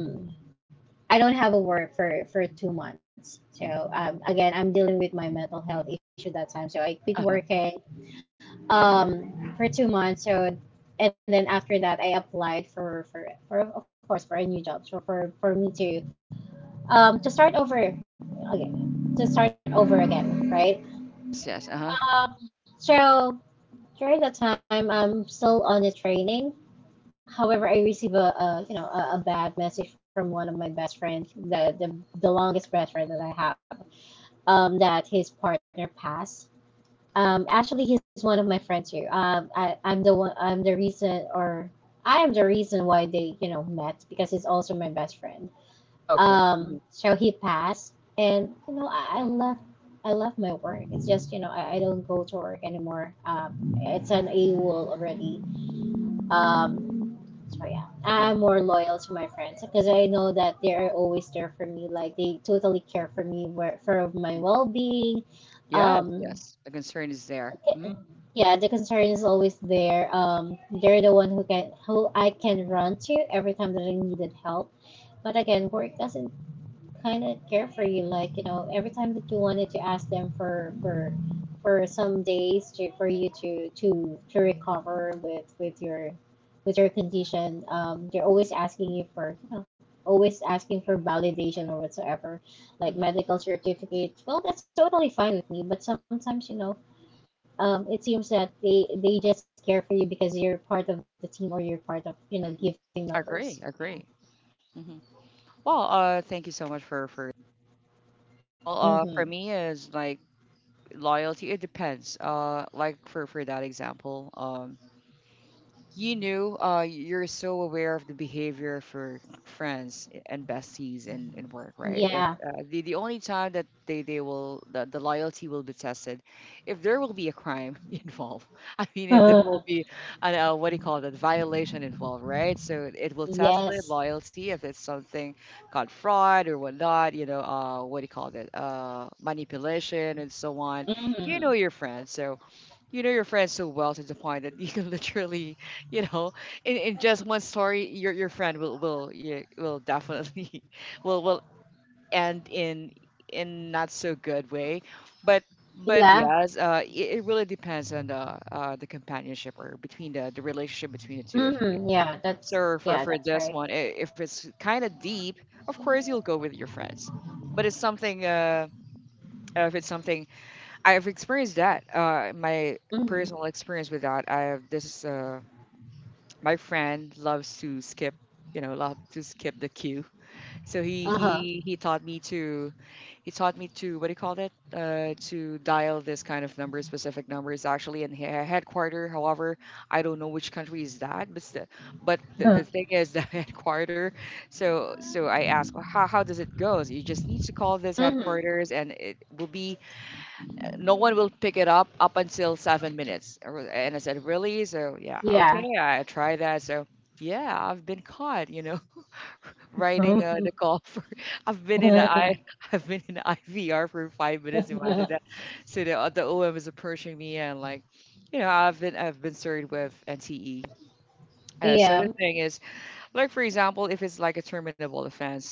S2: I don't have a work for 2 months. So again, I'm dealing with my mental health issue that time. So I quit
S1: Uh-huh.
S2: working for 2 months. So and then after that I applied for, of course, for a new job. So for me to start over again, to start over again, right?
S1: Yes, yes. Uh-huh.
S2: So during that time I'm still on the training. However, I receive a you know a bad message from one of my best friends, the longest best friend that I have, that his partner passed. Actually, he's one of my friends here. I'm the one. I'm the reason, or I am the reason why they, you know, met, because he's also my best friend.
S1: Okay. Hmm.
S2: So he passed, and you know, I left. I left my work. It's just you know, I don't go to work anymore. It's an a wall already. Um, so yeah,
S1: Uh-huh.
S2: I'm more loyal to my friends because I know that they're always there for me. Like they totally care for me, for my
S1: Mm.
S2: well-being.
S1: Yes,
S2: Um,
S1: yes. The concern is there. Mm-hmm.
S2: Yeah, the concern is always there. They're the one who I can run to every time that I needed help. But again, work doesn't kind of care for you. Like you know, every time that you wanted to ask them for some days to, for you to recover with your condition, they're always asking you for you know, always asking for validation or whatsoever, like
S1: Mm-hmm.
S2: medical certificates. Well, that's totally fine with me. But sometimes you know it seems that they just care for you because you're part of the team or you're part of, you know,
S1: Hmm.
S2: gifting members.
S1: Agree, agree. Hmm. Well, thank you so much for. Well, for
S2: Mm-hmm.
S1: me is like loyalty. It depends. Like for that example, you know, you're so aware of the behavior of your friends and besties in work, right? If
S2: Yeah.
S1: the the only time that they will the loyalty will be tested, if there will be a crime [LAUGHS] involved. I mean, if there
S2: Uh,
S1: will be an what do you call that violation involved, right? So it will test their
S2: yes.
S1: loyalty if it's something called fraud or whatnot. You know, what do you call that? Manipulation and so on. You know your
S2: Mm-hmm.
S1: friends, so you know your friend so well to the point that [LAUGHS] you can literally, you know, in just one story, your friend will definitely [LAUGHS] will end in not so good way, but but
S2: Yeah.
S1: yes, it, it really depends on the companionship or between the relationship between the two of you.
S2: Mm-hmm. Yeah. That's
S1: So for
S2: yeah.
S1: for
S2: That's
S1: this
S2: right.
S1: one, if it's kind of deep, of course you'll go with your friends, but it's something if it's something I've experienced that. My
S2: Mm-hmm.
S1: personal experience with that. I have this. My friend loves to skip. You know, love to skip the queue. So he
S2: Uh huh.
S1: he he taught me to he taught me to what do you call it? To dial this kind of number, specific numbers actually in headquarter. However, I don't know which country is that, but the thing is the [LAUGHS] headquarter. So so I asked, well, how does it go? You just need to call this
S2: Mm-hmm.
S1: headquarters, and it will be no one will pick it up up until 7 minutes. And I said, really? So yeah, okay,
S2: Yeah.
S1: I tried that. So yeah, I've been caught, you know, [LAUGHS] writing the call for. [LAUGHS] I've been in a I
S2: [LAUGHS]
S1: [LAUGHS] I've been in IVR for 5 minutes. Imagine that. So the OM is approaching me and like, you know, I've been served with NTE. So
S2: yeah.
S1: the thing is, like for example, if it's like a terminable offense,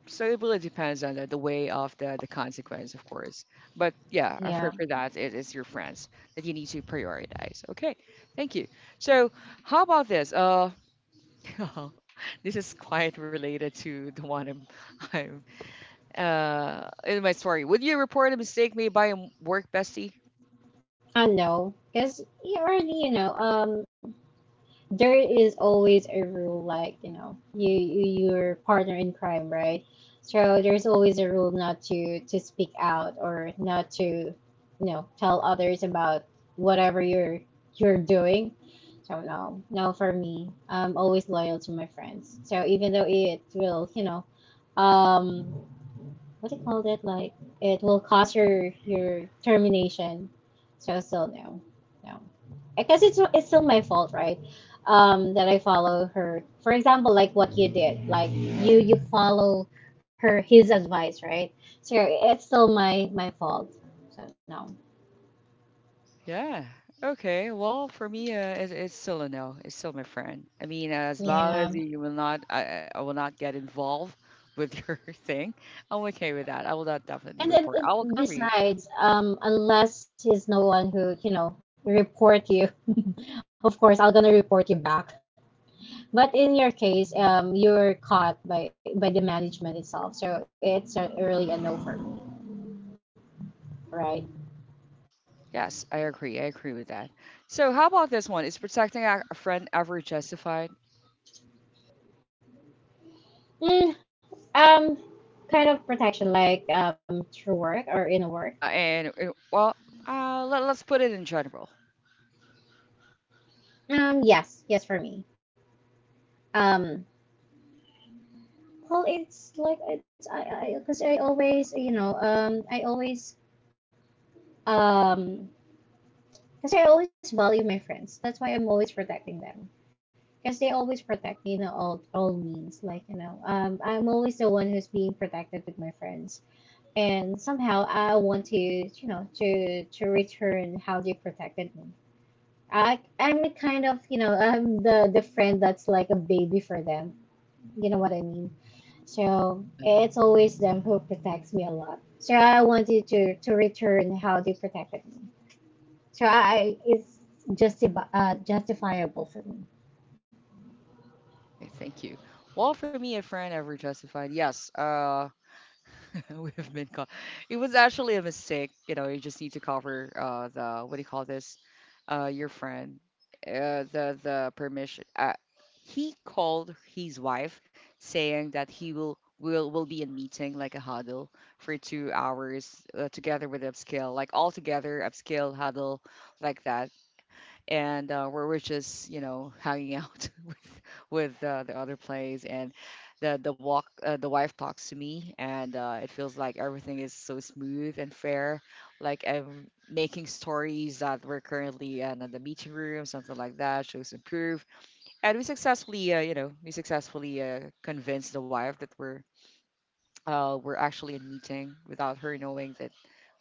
S1: so it really depends on the way of the consequence, of course. But yeah,
S2: Yeah.
S1: for that, it is your friends that you need to prioritize. Okay, thank you. So how about this? [LAUGHS] This is quite related to the one I'm in my story. Would you report a mistake made by a work bestie?
S2: I know. Because you already, you know, there is always a rule like you know your partner in crime, right? So there's always a rule not to speak out or not to you know tell others about whatever you're doing. So no, no, for me, I'm always loyal to my friends. So even though it will you know um, what do you call that? Like it will cost your termination. So still no, no. I guess it's still my fault, right? That I follow her. For example, like what you did, like you follow her his advice, right? So it's still my my fault. So no,
S1: Yeah. Okay. Well, for me, it's still a no. It's still my friend. I mean, as long as
S2: yeah.
S1: you will not, I will not get involved with [LAUGHS] your thing. I'm okay with that. I will not definitely
S2: And
S1: report. I will cover you.
S2: besides, unless he's no one who you know report you, [LAUGHS] of course I'll gonna report you back. But in your case, you're caught by the management itself. So it's a, really an over, right?
S1: Yes, I agree. I agree with that. So, how about this one? Is protecting a friend ever justified?
S2: Mm, um, kind of protection, like through work or in work.
S1: Yeah. And well, let, let's put it in general.
S2: Yes, yes, for me. Um, well, it's like it's I, 'cause I always you know I always um because I always value my friends. That's why I'm always protecting them because they always protect me, you know, all means. Like you know, I'm always the one who's being protected with my friends and somehow I want to you know to return how they protected me. I I'm the kind of you know I'm the friend that's like a baby for them. You know what I mean? So
S1: Mhm.
S2: it's always them who protects me a lot. So I wanted to return how they protected me. So I it's justi- uh, justifiable for me.
S1: Okay, thank you. Well, for me, a friend ever justified? Yes. [LAUGHS] We've been caught. It was actually a mistake. You know, you just need to cover the what do you call this? Your friend, the permission. He called his wife saying that he will be in meeting like a huddle for 2 hours together with upscale, like all together upscale huddle like that and where we're just you know hanging out [LAUGHS] with the other plays and the walk the wife talks to me and it feels like everything is so smooth and fair like I'm making stories that we're currently in, the meeting room something like that shows improve and we successfully you know we successfully convinced the wife that we're actually in meeting without her knowing that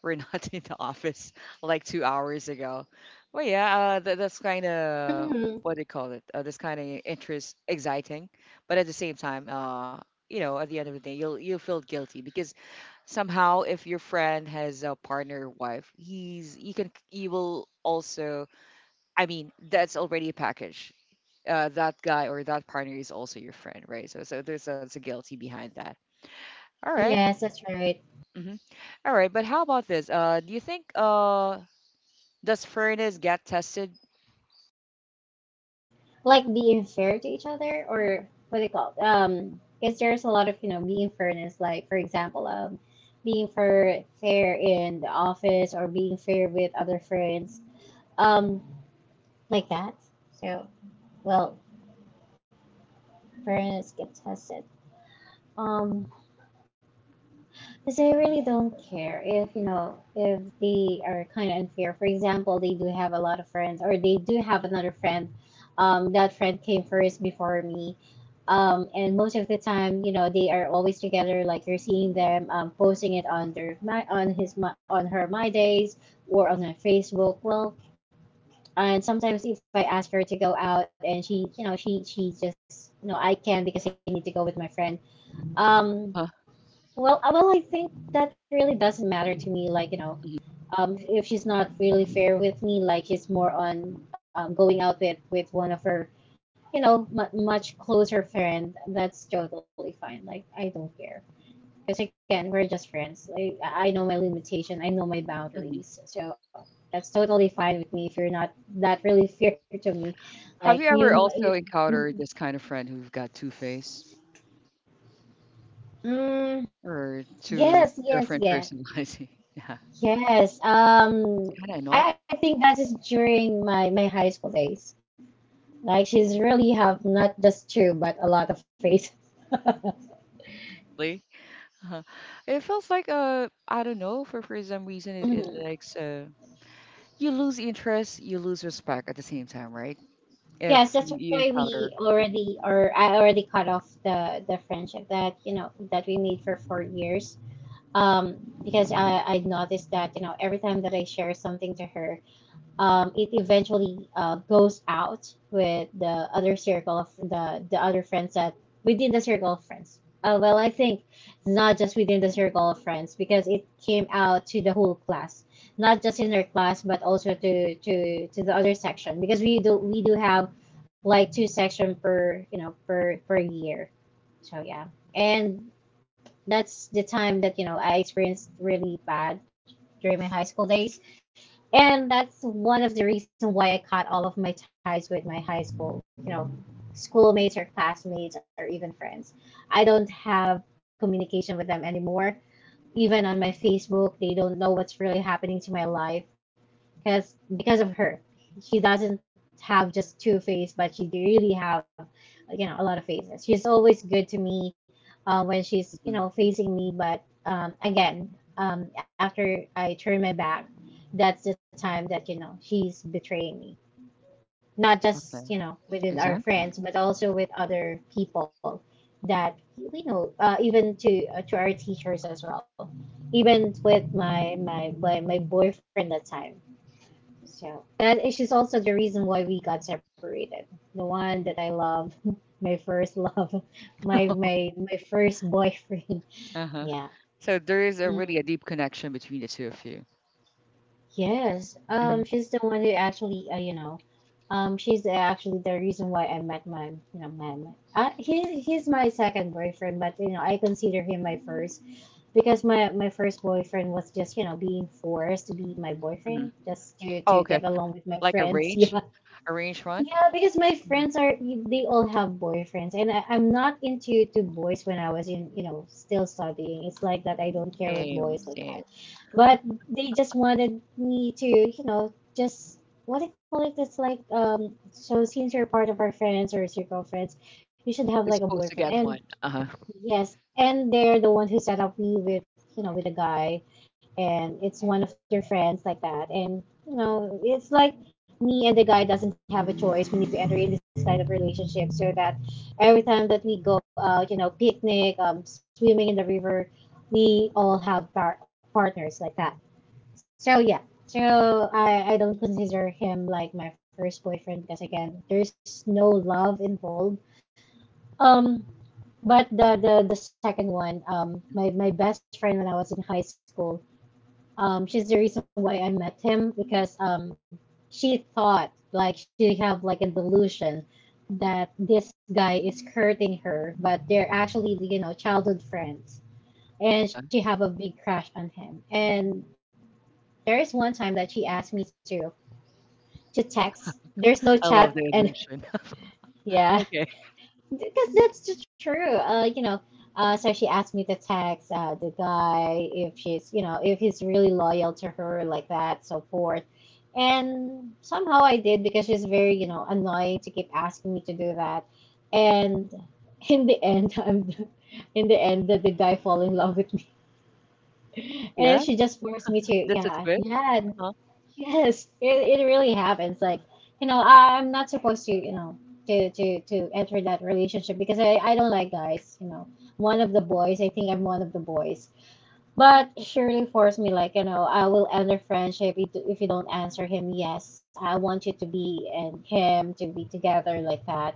S1: we're not [LAUGHS] in the office like 2 hours ago. Well, yeah, that's kind of
S2: Mhm.
S1: what do you call it? That's kind of interest exciting, but at the same time, you know, at the end of the day, you'll feel guilty because somehow if your friend has a partner or wife, he's you can you will also. I mean, that's already a package. That guy or that partner is also your friend, right? So so there's a guilty behind that. All right.
S2: Yes, that's right.
S1: Mhm. All right, but how about this? Do you think does fairness get tested?
S2: Like being fair to each other or what do you call it? Because there's a lot of, you know, being fairness, like for example, being fair, fair in the office or being fair with other friends, um, like that. So, well, fairness gets tested. Um, because I really don't care if, you know, if they are kind of unfair. For example, they do have a lot of friends or they do have another friend. That friend came first before me. Um, and most of the time, you know, they are always together. Like you're seeing them posting it on their my, on his my, on her my days or on her Facebook. Well, and sometimes if I ask her to go out and she, you know, she just you know I can because I need to go with my friend. Um,
S1: Uh-huh.
S2: well, well, I think that really doesn't matter to me. Like you know, if she's not really fair with me, like she's more on going out with, one of her, you know, mu much closer friend, that's totally fine. Like I don't care because again, we're just friends. Like I know my limitation, I know my
S1: Hmm.
S2: boundaries, so that's totally fine with me. If you're not that really [LAUGHS] fair to me,
S1: Have
S2: like
S1: you ever also encountered
S2: you-
S1: this kind of friend who've got two face
S2: mm,
S1: or two
S2: yes,
S1: different
S2: yes, yeah,
S1: personality? [LAUGHS] Yeah,
S2: yes.
S1: kind of annoying,
S2: I think that is during my my high school days. Like she's really have not just two, but a lot of faith.
S1: really. Uh-huh. It feels like I don't know, for some reason
S2: [LAUGHS]
S1: it, it
S2: Hmm.
S1: likes you lose interest, you lose respect at the same time, right? If
S2: Yes,
S1: you,
S2: that's
S1: you
S2: why we
S1: encounter. Mhm.
S2: already or I already cut off the friendship that you know that we made for 4 years. Because I noticed that you know every time that I share something to her, it eventually goes out with the other circle of the other friends that within the circle of friends. Well, I think it's not just within the circle of friends because it came out to the whole class, not just in our class but also to to the other section because we do have like two section per you know per year. So yeah, and that's the time that you know I experienced really bad during my high school days, and that's one of the reasons why I cut all of my ties with my high school, you know, schoolmates or classmates or even friends. I don't have communication with them anymore. Even on my Facebook, they don't know what's really happening to my life because of her. She doesn't have just two faces, but she really have, you know, a lot of faces. She's always good to me when she's you
S1: Mhm.
S2: know facing me, but again, after I turn my back, that's the time that you know she's betraying me, not just
S1: Okay.
S2: you know within our
S1: Exactly.
S2: friends but also with other people that we know even to our teachers as well, even with my boyfriend that time. So that is she's also the reason why we got separated, the one
S1: Hmm.
S2: that I love [LAUGHS] my first love, my first boyfriend.
S1: Uh-huh.
S2: [LAUGHS] Yeah.
S1: So there is a really a deep connection between the two of you.
S2: Yes,
S1: Mhm,
S2: she's the one who actually, you know, she's actually the reason why I met my, you know, man. He, he's my second boyfriend, but you know, I consider him my first because my first boyfriend was just, you know, being forced to be my boyfriend
S1: mhm.
S2: just to
S1: Oh, okay.
S2: get along with my
S1: Like
S2: friends. [LAUGHS] Yeah.
S1: a range one?
S2: Yeah, because my
S1: Mhm.
S2: friends are they all have boyfriends, and I'm not into to boys when I was in you know still studying. It's like that I don't care with boys
S1: Same,
S2: like
S1: same.
S2: that, but they just wanted me to you know just what do you call it? It's like so since you're part of our friends or circle of friends, you should have
S1: You're
S2: like a
S1: supposed to
S2: boyfriend,
S1: get one.
S2: and
S1: Uh-huh.
S2: yes, and they're the ones who set up me with, you know, with a guy, and it's one of their friends like that, and you know, it's like me and the guy doesn't have a choice. We need to enter in this kind of relationship so that every time that we go out, you know, picnic, swimming in the river, we all have partners like that. So yeah, so I don't consider him like my first boyfriend because again, there's no love involved. Um, but the second one, my, my best friend when I was in high school, she's the reason why I met him because she thought like she have like a delusion that this guy is courting her, but they're actually you know childhood friends, and
S1: Uh-huh.
S2: she have a big crush on him. And there is one time that she asked me to text. There's no
S1: I love
S2: chat,
S1: the
S2: and
S1: illusion. [LAUGHS]
S2: [LAUGHS] yeah,
S1: Okay.
S2: because that's just true. You know, so she asked me to text the guy if she's, you know, if he's really loyal to her like that, so forth. And somehow I did because she's very, you know, annoying to keep asking me to do that. And [LAUGHS] in the end, [LAUGHS] in the end, the guy fall in love with me, [LAUGHS]
S1: Oh
S2: and
S1: yeah,
S2: she just forced me to,
S1: this is
S2: yeah,
S1: good.
S2: yeah,
S1: Uh-huh.
S2: yes, it really happens. Like, you know, I'm not supposed to, you know, to enter that relationship because I don't like guys, you know. One of the boys, I think I'm one of the boys. But she really forced me, like, I will end our friendship if you don't answer him, yes. I want you to be and him to be together like that.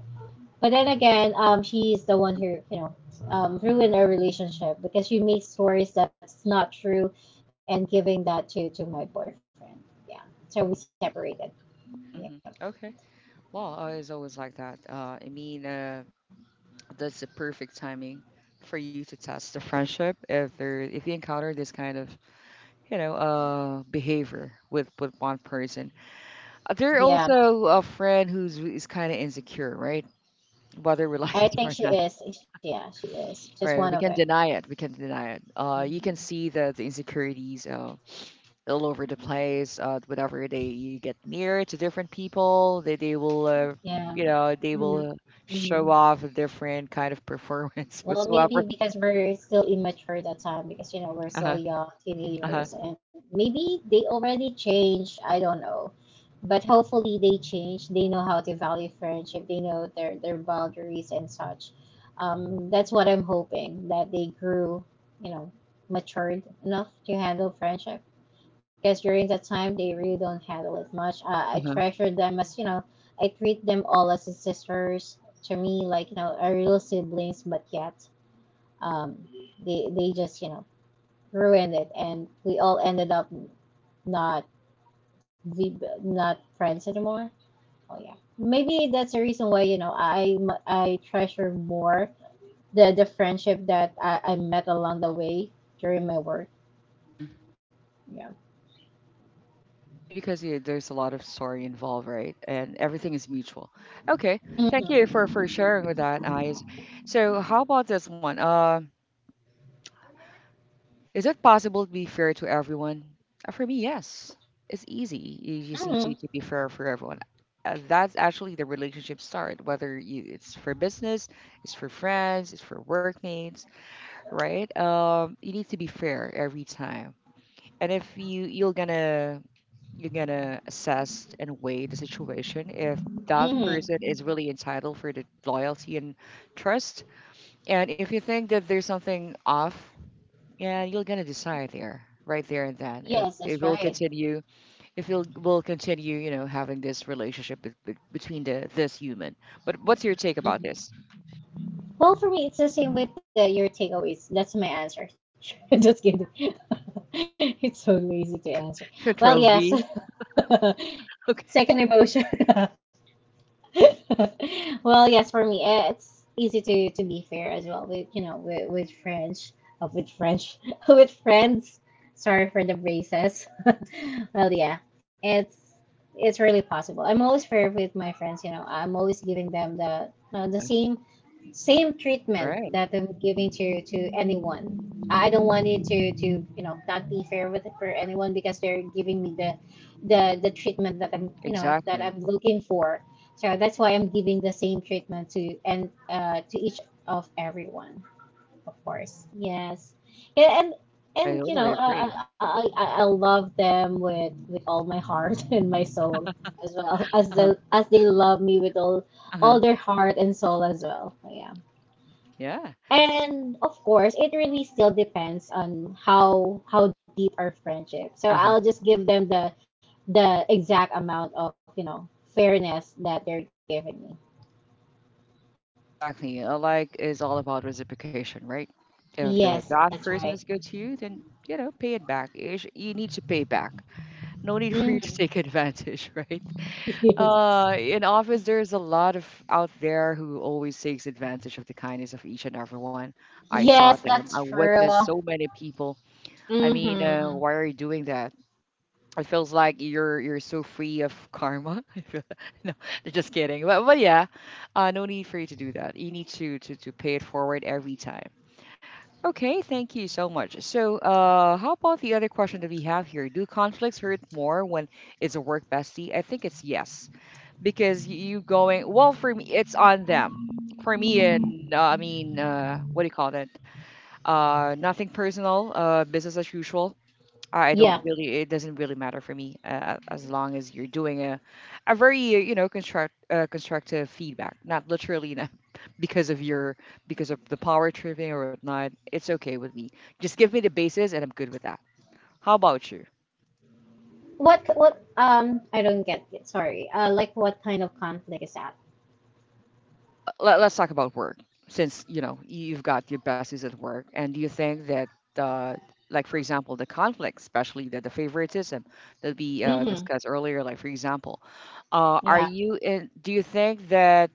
S2: But then again, she is the one
S1: Uh-huh.
S2: who ruined our relationship because she made stories that's not true, and giving that to my boyfriend. Yeah, so we separated.
S1: Hmm.
S2: Yeah,
S1: Okay. Well, it's always like that. I mean, that's the perfect timing for you to test the friendship if there if you encounter this kind of you know behavior with one person. They're
S2: yeah.
S1: also a friend who's is kind of insecure, right? Whether we [LAUGHS]
S2: I
S1: like it
S2: think
S1: or
S2: she
S1: not,
S2: is. Yeah, she is. It's
S1: right?
S2: one
S1: We
S2: of
S1: can
S2: it.
S1: deny it. We can deny it. You can see the insecurities all over the place. Whenever they you get near to different people, they will,
S2: Yeah.
S1: you know, they will show
S2: Mhm.
S1: off a different kind of performance [LAUGHS]
S2: Well, maybe
S1: whatsoever.
S2: because we're still immature at that time because we're
S1: Uh huh.
S2: still young
S1: Uh huh.
S2: teenagers and maybe they already changed, I don't know. But hopefully they change. They know how to value friendship. They know their boundaries and such. That's what I'm hoping that they grew, you know, matured enough to handle friendship. Because during that time they really don't handle it much. I
S1: Uh
S2: treasure them as I treat them all as sisters to me, like are real siblings, but yet um, they just ruined it, and we all ended up not not friends anymore. Oh yeah, maybe that's the reason why I treasure more the friendship that I met along the way during my work.
S1: huh.
S2: Yeah.
S1: Maybe because yeah, there's a lot of story involved, right? And everything is mutual. Okay, thank you for
S2: Mm-hmm.
S1: for sharing with that, eyes. So how about this one? Is it possible to be fair to everyone? For me, yes. It's easy. You just need
S2: Mm-hmm.
S1: to be fair for everyone. That's actually the relationship start. Whether you, it's for business, it's for friends, it's for workmates, right? You need to be fair every time and if you're gonna assess and weigh the situation if that person
S2: Mm-hmm.
S1: is really entitled for the loyalty and trust and if you think that there's something off, yeah, you're gonna decide there right there and then
S2: Yes,
S1: if
S2: that's
S1: it will
S2: right.
S1: continue, if you'll will continue you know having this relationship between the this human, but what's your take about
S2: hmm
S1: this?
S2: Well, for me, it's the same with your takeaways. That's my answer. [LAUGHS] Just kidding. [LAUGHS] It's so lazy to answer.
S1: [LAUGHS]
S2: Well,
S1: Control
S2: yes. [LAUGHS]
S1: V.
S2: Second
S1: Okay.
S2: emotion. [LAUGHS] [LAUGHS] Well, yes, for me, it's easy to be fair as well with French, with French, [LAUGHS] with friends. Sorry for the braces. [LAUGHS] Well, yeah, it's it's really possible. I'm always fair with my friends. I'm always giving them the you know the
S1: Uh-huh.
S2: same treatment
S1: Right.
S2: that I'm giving
S1: Mhm.
S2: to anyone. I don't want it to not be fair with for anyone because they're giving me the treatment that I'm
S1: Exactly.
S2: looking for. So that's why I'm giving the same treatment to and to each of everyone, of course. Yes, yeah, and
S1: I
S2: and
S1: totally
S2: I
S1: agree.
S2: I, I I love them with all my heart [LAUGHS] and my soul as well as the
S1: Uh-huh.
S2: as they love me with all
S1: Uh-huh.
S2: their heart and soul as well. So, yeah,
S1: Yeah.
S2: and of course, it really still depends on how deep our friendship. So
S1: Uh-huh.
S2: I'll just give them the exact amount of fairness that they're giving me.
S1: Exactly. Like is all about reciprocation, right? If the
S2: Yes,
S1: that
S2: that's
S1: person
S2: right.
S1: is good to you, then you know, pay it back. You, you need to pay back. No need for you to
S2: Mhm.
S1: take advantage, [LAUGHS] right?
S2: [LAUGHS] Yes.
S1: In office, there's a lot of out there who always takes advantage of the kindness of each and everyone. I
S2: Yes,
S1: saw them. I
S2: that's true.
S1: witnessed so many people. I mean,
S2: Hmm.
S1: why are you doing that? It feels like you're so free of karma. [LAUGHS] I feel no, [LAUGHS] just kidding. But yeah, no need for you to do that. You need to pay it forward every time. Okay, thank you so much. So, how about the other question that we have here? Do conflicts hurt more when it's a work bestie? I think it's yes, because you going well for me, it's on them. For me, and I mean, what do you call that? Nothing personal. Business as usual. I
S2: Yeah.
S1: don't really, it doesn't really matter for me as long as you're doing a very, you know, constructive feedback, not literally not [LAUGHS] because of your, because of the power tripping or whatnot. It's okay with me. Just give me the basis and I'm good with that. How about you?
S2: What I don't get it. Sorry. Like what kind of conflict is that?
S1: Let, let's talk about work since, you know, you've got your besties at work. And do you think that, uh, like, for example, the conflict, especially the favoritism that we
S2: Hmm.
S1: discussed earlier, like, for example, are
S2: Yeah.
S1: do you think that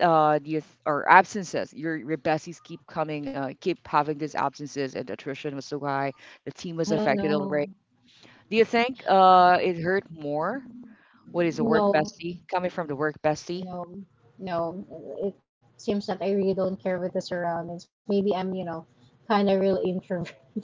S1: the ath- or absences, your besties keep coming keep having these absences and attrition was so high, the team
S2: I
S1: was
S2: don't
S1: affected
S2: know.
S1: already? Do you think it hurt more, what is a work
S2: No.
S1: bestie coming from the work bestie?
S2: No. No. It seems that I really don't care with the surroundings. Maybe I'm, kind of real introvert. [LAUGHS]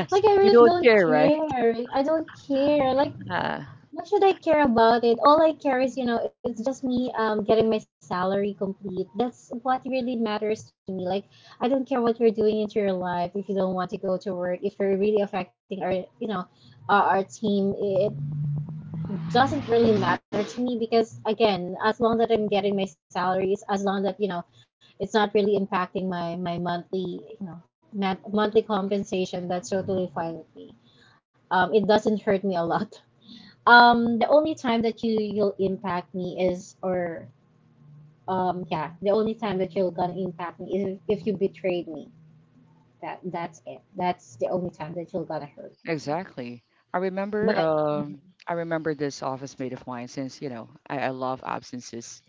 S2: Like I
S1: [LAUGHS]
S2: really
S1: We don't
S2: don't
S1: care, right?
S2: care. I don't care. Like,
S1: uh,
S2: what should I care about it? All I care is, it's just me getting my salary complete. That's what really matters to me. Like, I don't care what you're doing into your life. If you don't want to go to work, if you're really affecting our, you know, our team, it doesn't really matter to me because again, as long that I'm getting my salaries, as long that it's not really impacting my monthly, you know, mon- monthly compensation. That's totally fine with me. It doesn't hurt me a lot. The only time that you'll impact me is, or yeah, the only time that you're gonna impact me is if you betrayed me. That's it. That's the only time that you're gonna hurt me.
S1: exactly. I remember
S2: But
S1: I remember this office mate of mine. Since, you know, I love absences,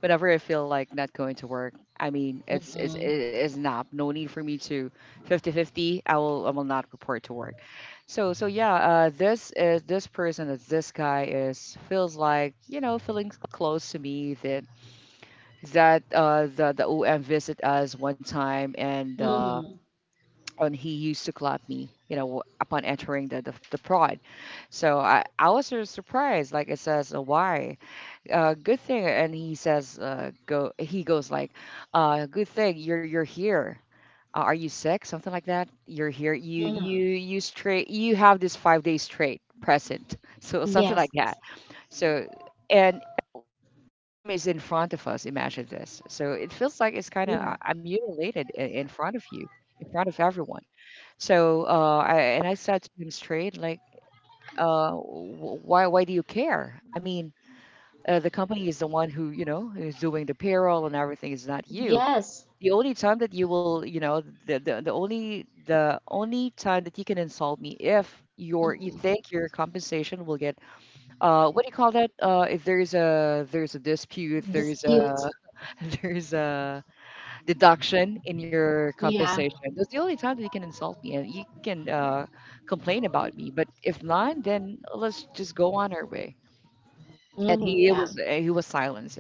S1: whenever I feel like not going to work, I mean, it
S2: mm-mm,
S1: is not, no need for me to fifty-fifty. I will not report to work. So yeah, this person is this guy is feels like, you know, feeling close to me. That that The OM visit us one time,
S2: mm-mm,
S1: and he used to clap me, you know, upon entering the prod. So I was sort of surprised. Like, it says, why, good thing. And he says, he goes like, good thing you're here. Are you sick? Something like that. You're here.
S2: mm-mm.
S1: You straight, you have this 5 days straight present. [LAUGHS] So something like
S2: Yes,
S1: that. So, and the OM is in front of us. Imagine this. So it feels like it's kind of,
S2: yeah.
S1: I'm mutilated in front of you, in front of everyone. So, and I said to him straight, like, why do you care? I mean, the company is the one who, you know, is doing the payroll and everything, is not you.
S2: Yes,
S1: The only time that you will, you know, the only time that you can insult me, if you think your compensation will get, what do you call that? If there's a, there's a dispute, there's a
S2: you,
S1: [LAUGHS] there's a deduction in your
S2: yeah,
S1: compensation. That's the only time that you can insult me and you can, complain about me. But if not, then let's just go on our way. And
S2: mm-hmm,
S1: he
S2: yeah,
S1: was, he was silenced.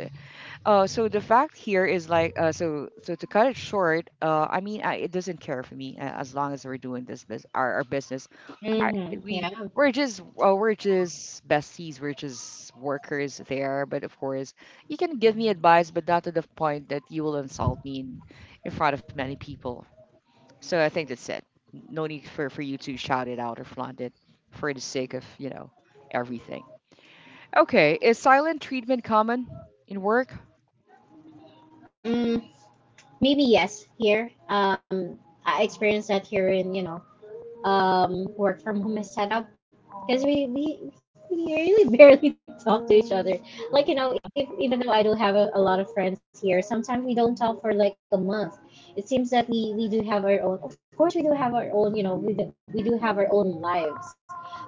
S1: So the fact here is like, to cut it short, I mean, it doesn't care for me, as long as we're doing this bus our business. I,
S2: mm-hmm,
S1: we
S2: yeah.
S1: we're just besties, we're just workers there. But of course, you can give me advice, but not to the point that you will insult me in front of many people. So I think that's it. No need for you to shout it out or flaunt it for the sake of, you know, everything. Okay, is silent treatment common in work?
S2: Mm, maybe yes. Here, I experienced that here in work from home is set up because we really [LAUGHS] barely talk to each other. Like
S1: Uh-huh.
S2: if, even though I do have a lot of friends here, sometimes we don't talk for like a month. It seems that we do have our own. Of course, we do have our own. We do have our own lives.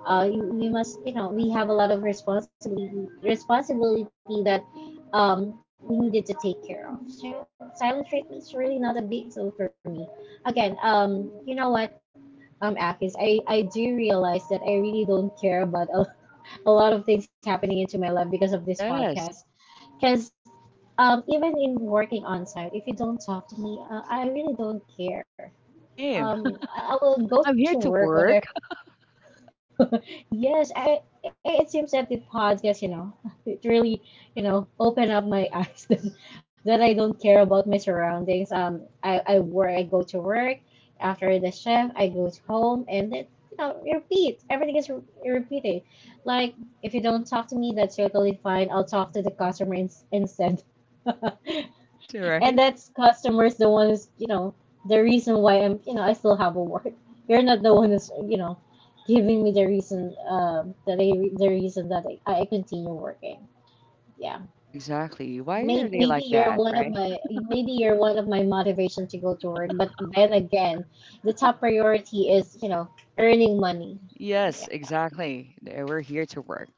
S2: You- we must you know we have a lot of responsibility that we needed to take care of. So silent treatment is really not a big deal for me. Again, you know what? Akis, I do realize that I really don't care about a lot of things happening into my life because of this
S1: Yes.
S2: podcast. Because even in working on site, if you don't talk to me, I really don't care.
S1: Same.
S2: I will go
S1: I'm
S2: to
S1: here to
S2: work whatever.
S1: work.
S2: [LAUGHS] yes, I it seems that the podcast, [LAUGHS] it really open up my eyes [LAUGHS] that, that, I don't care about my surroundings. I work, I go to work. After the shift, I go to home, and it you know it repeats. Everything is repeating. Like if you don't talk to me, that's totally fine. I'll talk to the customer instead. [LAUGHS] And
S1: [LAUGHS] S, right?
S2: then customer is the one is the reason why I'm you know I still have a work. You're not the one who's giving me the reason that I the reason that I continue working. Yeah.
S1: Yeah, exactly. Why are
S2: May-
S1: they
S2: maybe
S1: like that,
S2: you're one of
S1: right?
S2: my motivations to go to work. But then again, the top priority is earning money.
S1: Yes, exactly. They, we're here to work.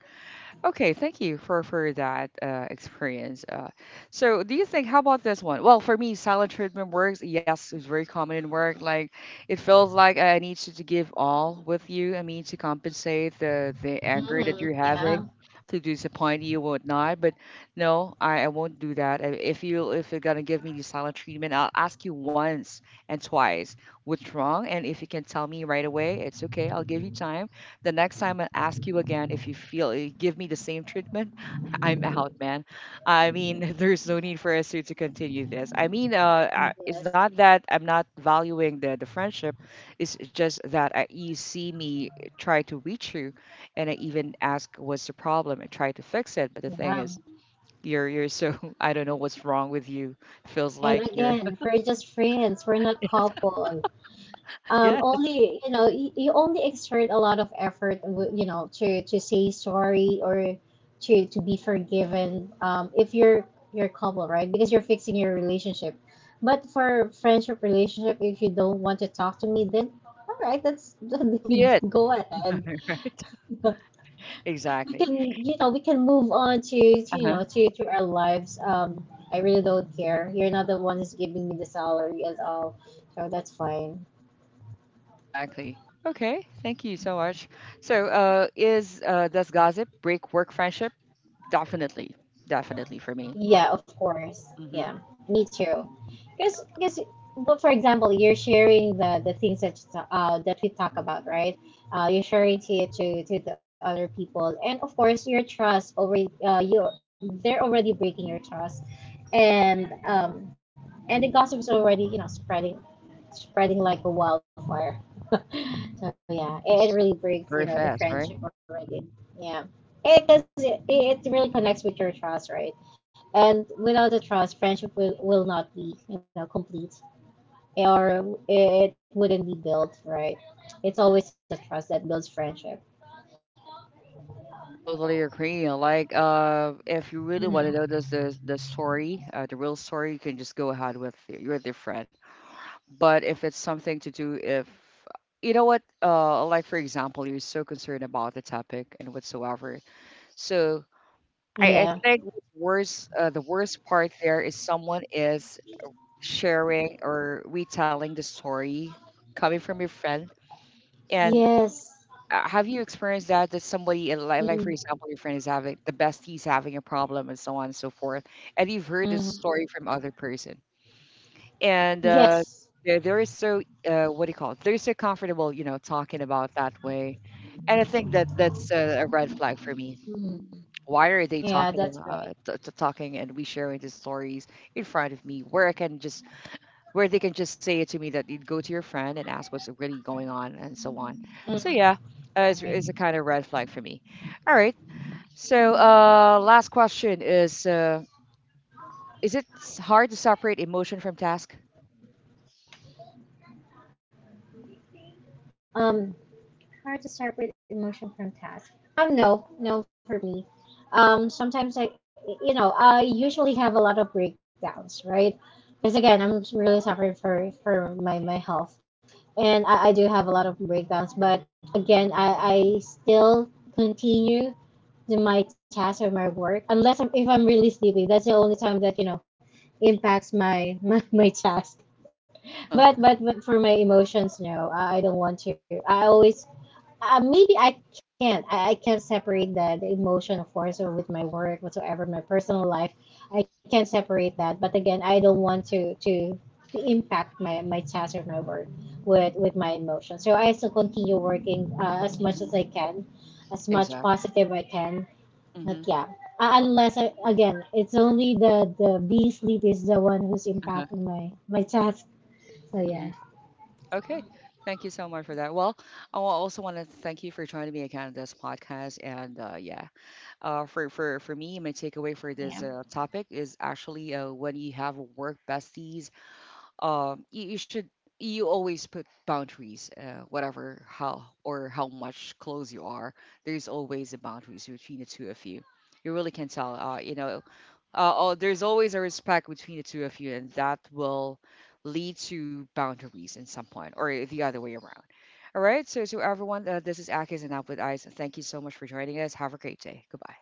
S1: Okay, thank you for that, experience. So, do you think? How about this one? Well, for me, silent treatment works. Yes, it's very common in work. Like, it feels like I need you to give all with you. I mean, to compensate the anger that
S2: Hmm.
S1: you're having,
S2: Yeah.
S1: to disappoint you, whatnot. But no, I won't do that. If you if you're gonna give me the silent treatment, I'll ask you once and twice what's wrong, and if you can tell me right away, it's okay. I'll give you time. The next time I ask you again, if you feel you give me the same treatment, [LAUGHS] I'm out, man. I mean, [LAUGHS] there's no need for us to continue this. I mean, it's not that I'm not valuing the friendship. It's just that you see me try to reach you, and I even ask what's the problem and try to fix it. But the thing
S2: Yeah.
S1: is, you're so [LAUGHS] I don't know what's wrong with you. Feels
S2: And
S1: like you're
S2: again,
S1: [LAUGHS]
S2: we're just friends. We're not couple. Um,
S1: yeah.
S2: only you only exert a lot of effort, to say sorry or to be forgiven. If you're couple, right? Because you're fixing your relationship. But for friendship relationship, if you don't want to talk to me, then all right, that's
S1: So be it.
S2: [LAUGHS] go ahead.
S1: [LAUGHS]
S2: [LAUGHS] We
S1: Exactly.
S2: can, you know, we can move on to you know,
S1: Uh-huh.
S2: to our lives. I really don't care. You're not the one who's giving me the salary at all, so that's fine.
S1: Exactly. Okay, thank you so much. So, is does gossip break work friendship? Definitely, definitely for me.
S2: Yeah, of course.
S1: Hmm.
S2: Yeah, me too. Because, well, for example, you're sharing the things that that we talk about, right? You're sharing it to the other people, and of course, your trust already you they're already breaking your trust, and um, and the gossip is already spreading like a wildfire. [LAUGHS] So yeah, it,
S1: Yes.
S2: it really
S1: Very
S2: breaks
S1: fast,
S2: the
S1: right?
S2: friendship. Yeah, it because it really connects with your trust, right? And without the trust, friendship will not be complete, or it wouldn't be built, right? It's always the trust that builds friendship.
S1: I totally agree. Like, if you really want to know
S2: Mhm.
S1: this, the story, the real story, you can just go ahead with your friend. But if it's something to do, if, you know what, like for example, you're so concerned about the topic and whatsoever, so I
S2: Yeah.
S1: think what's worse, the worst part there is someone is sharing or retelling the story coming from your friend. And
S2: Yes.
S1: have you experienced that? That somebody, like for
S2: Mm,
S1: example, your friend is having the best, he's having a problem and so on and so forth, and you've heard this
S2: mm.
S1: story from other person, and
S2: Yes.
S1: they're so, what do you call it? They're so comfortable, you know, talking about that way. And I think that that's a red flag for me.
S2: Mhm.
S1: Why are they
S2: Yeah,
S1: talking
S2: that's right.
S1: about talking and we sharing these stories in front of me, where I can just, where they can just say it to me that you'd go to your friend and ask what's really going on and so on. So yeah,
S2: Mhm.
S1: is a kind of red flag for me. All right. So, last question is, hard to separate emotion from task?
S2: Um, hard to start with emotion from task. No, no for me. Sometimes you know, I usually have a lot of breakdowns, right? Because again, I'm really suffering for my health, and I do have a lot of breakdowns. But again, I still continue to my task or my work unless if I'm really sleepy. That's the only time that impacts my [LAUGHS] my task.
S1: Uh-huh.
S2: But, for my emotions, no, I don't want to. I always maybe I can't. I can't separate the emotion, of course, or with my work whatsoever, my personal life. I can't separate that. But again, I don't want to, impact my task or my work with my emotion. So I still continue working as
S1: Hmm.
S2: much as I can, as
S1: Exactly.
S2: much positive I can.
S1: Mm-hmm.
S2: But yeah, unless I, again, it's only the being sleep is the one who's
S1: Uh-huh.
S2: impacting my task. So
S1: Mm-hmm.
S2: yeah.
S1: Okay. Thank you so much for that. Well, also want to thank you for joining me again on this podcast. And yeah, for me, my takeaway for this,
S2: Yeah.
S1: topic is actually, when you have work besties, you should, you always put boundaries, whatever how or how much close you are. There's always a boundaries between the two of you. You really can tell. You know, oh, there's always a respect between the two of you, and that will lead to boundaries in some point or the other way around. All right. So so everyone, this is Akis and Out with Eyes. Thank you so much for joining us. Have a great day. Goodbye.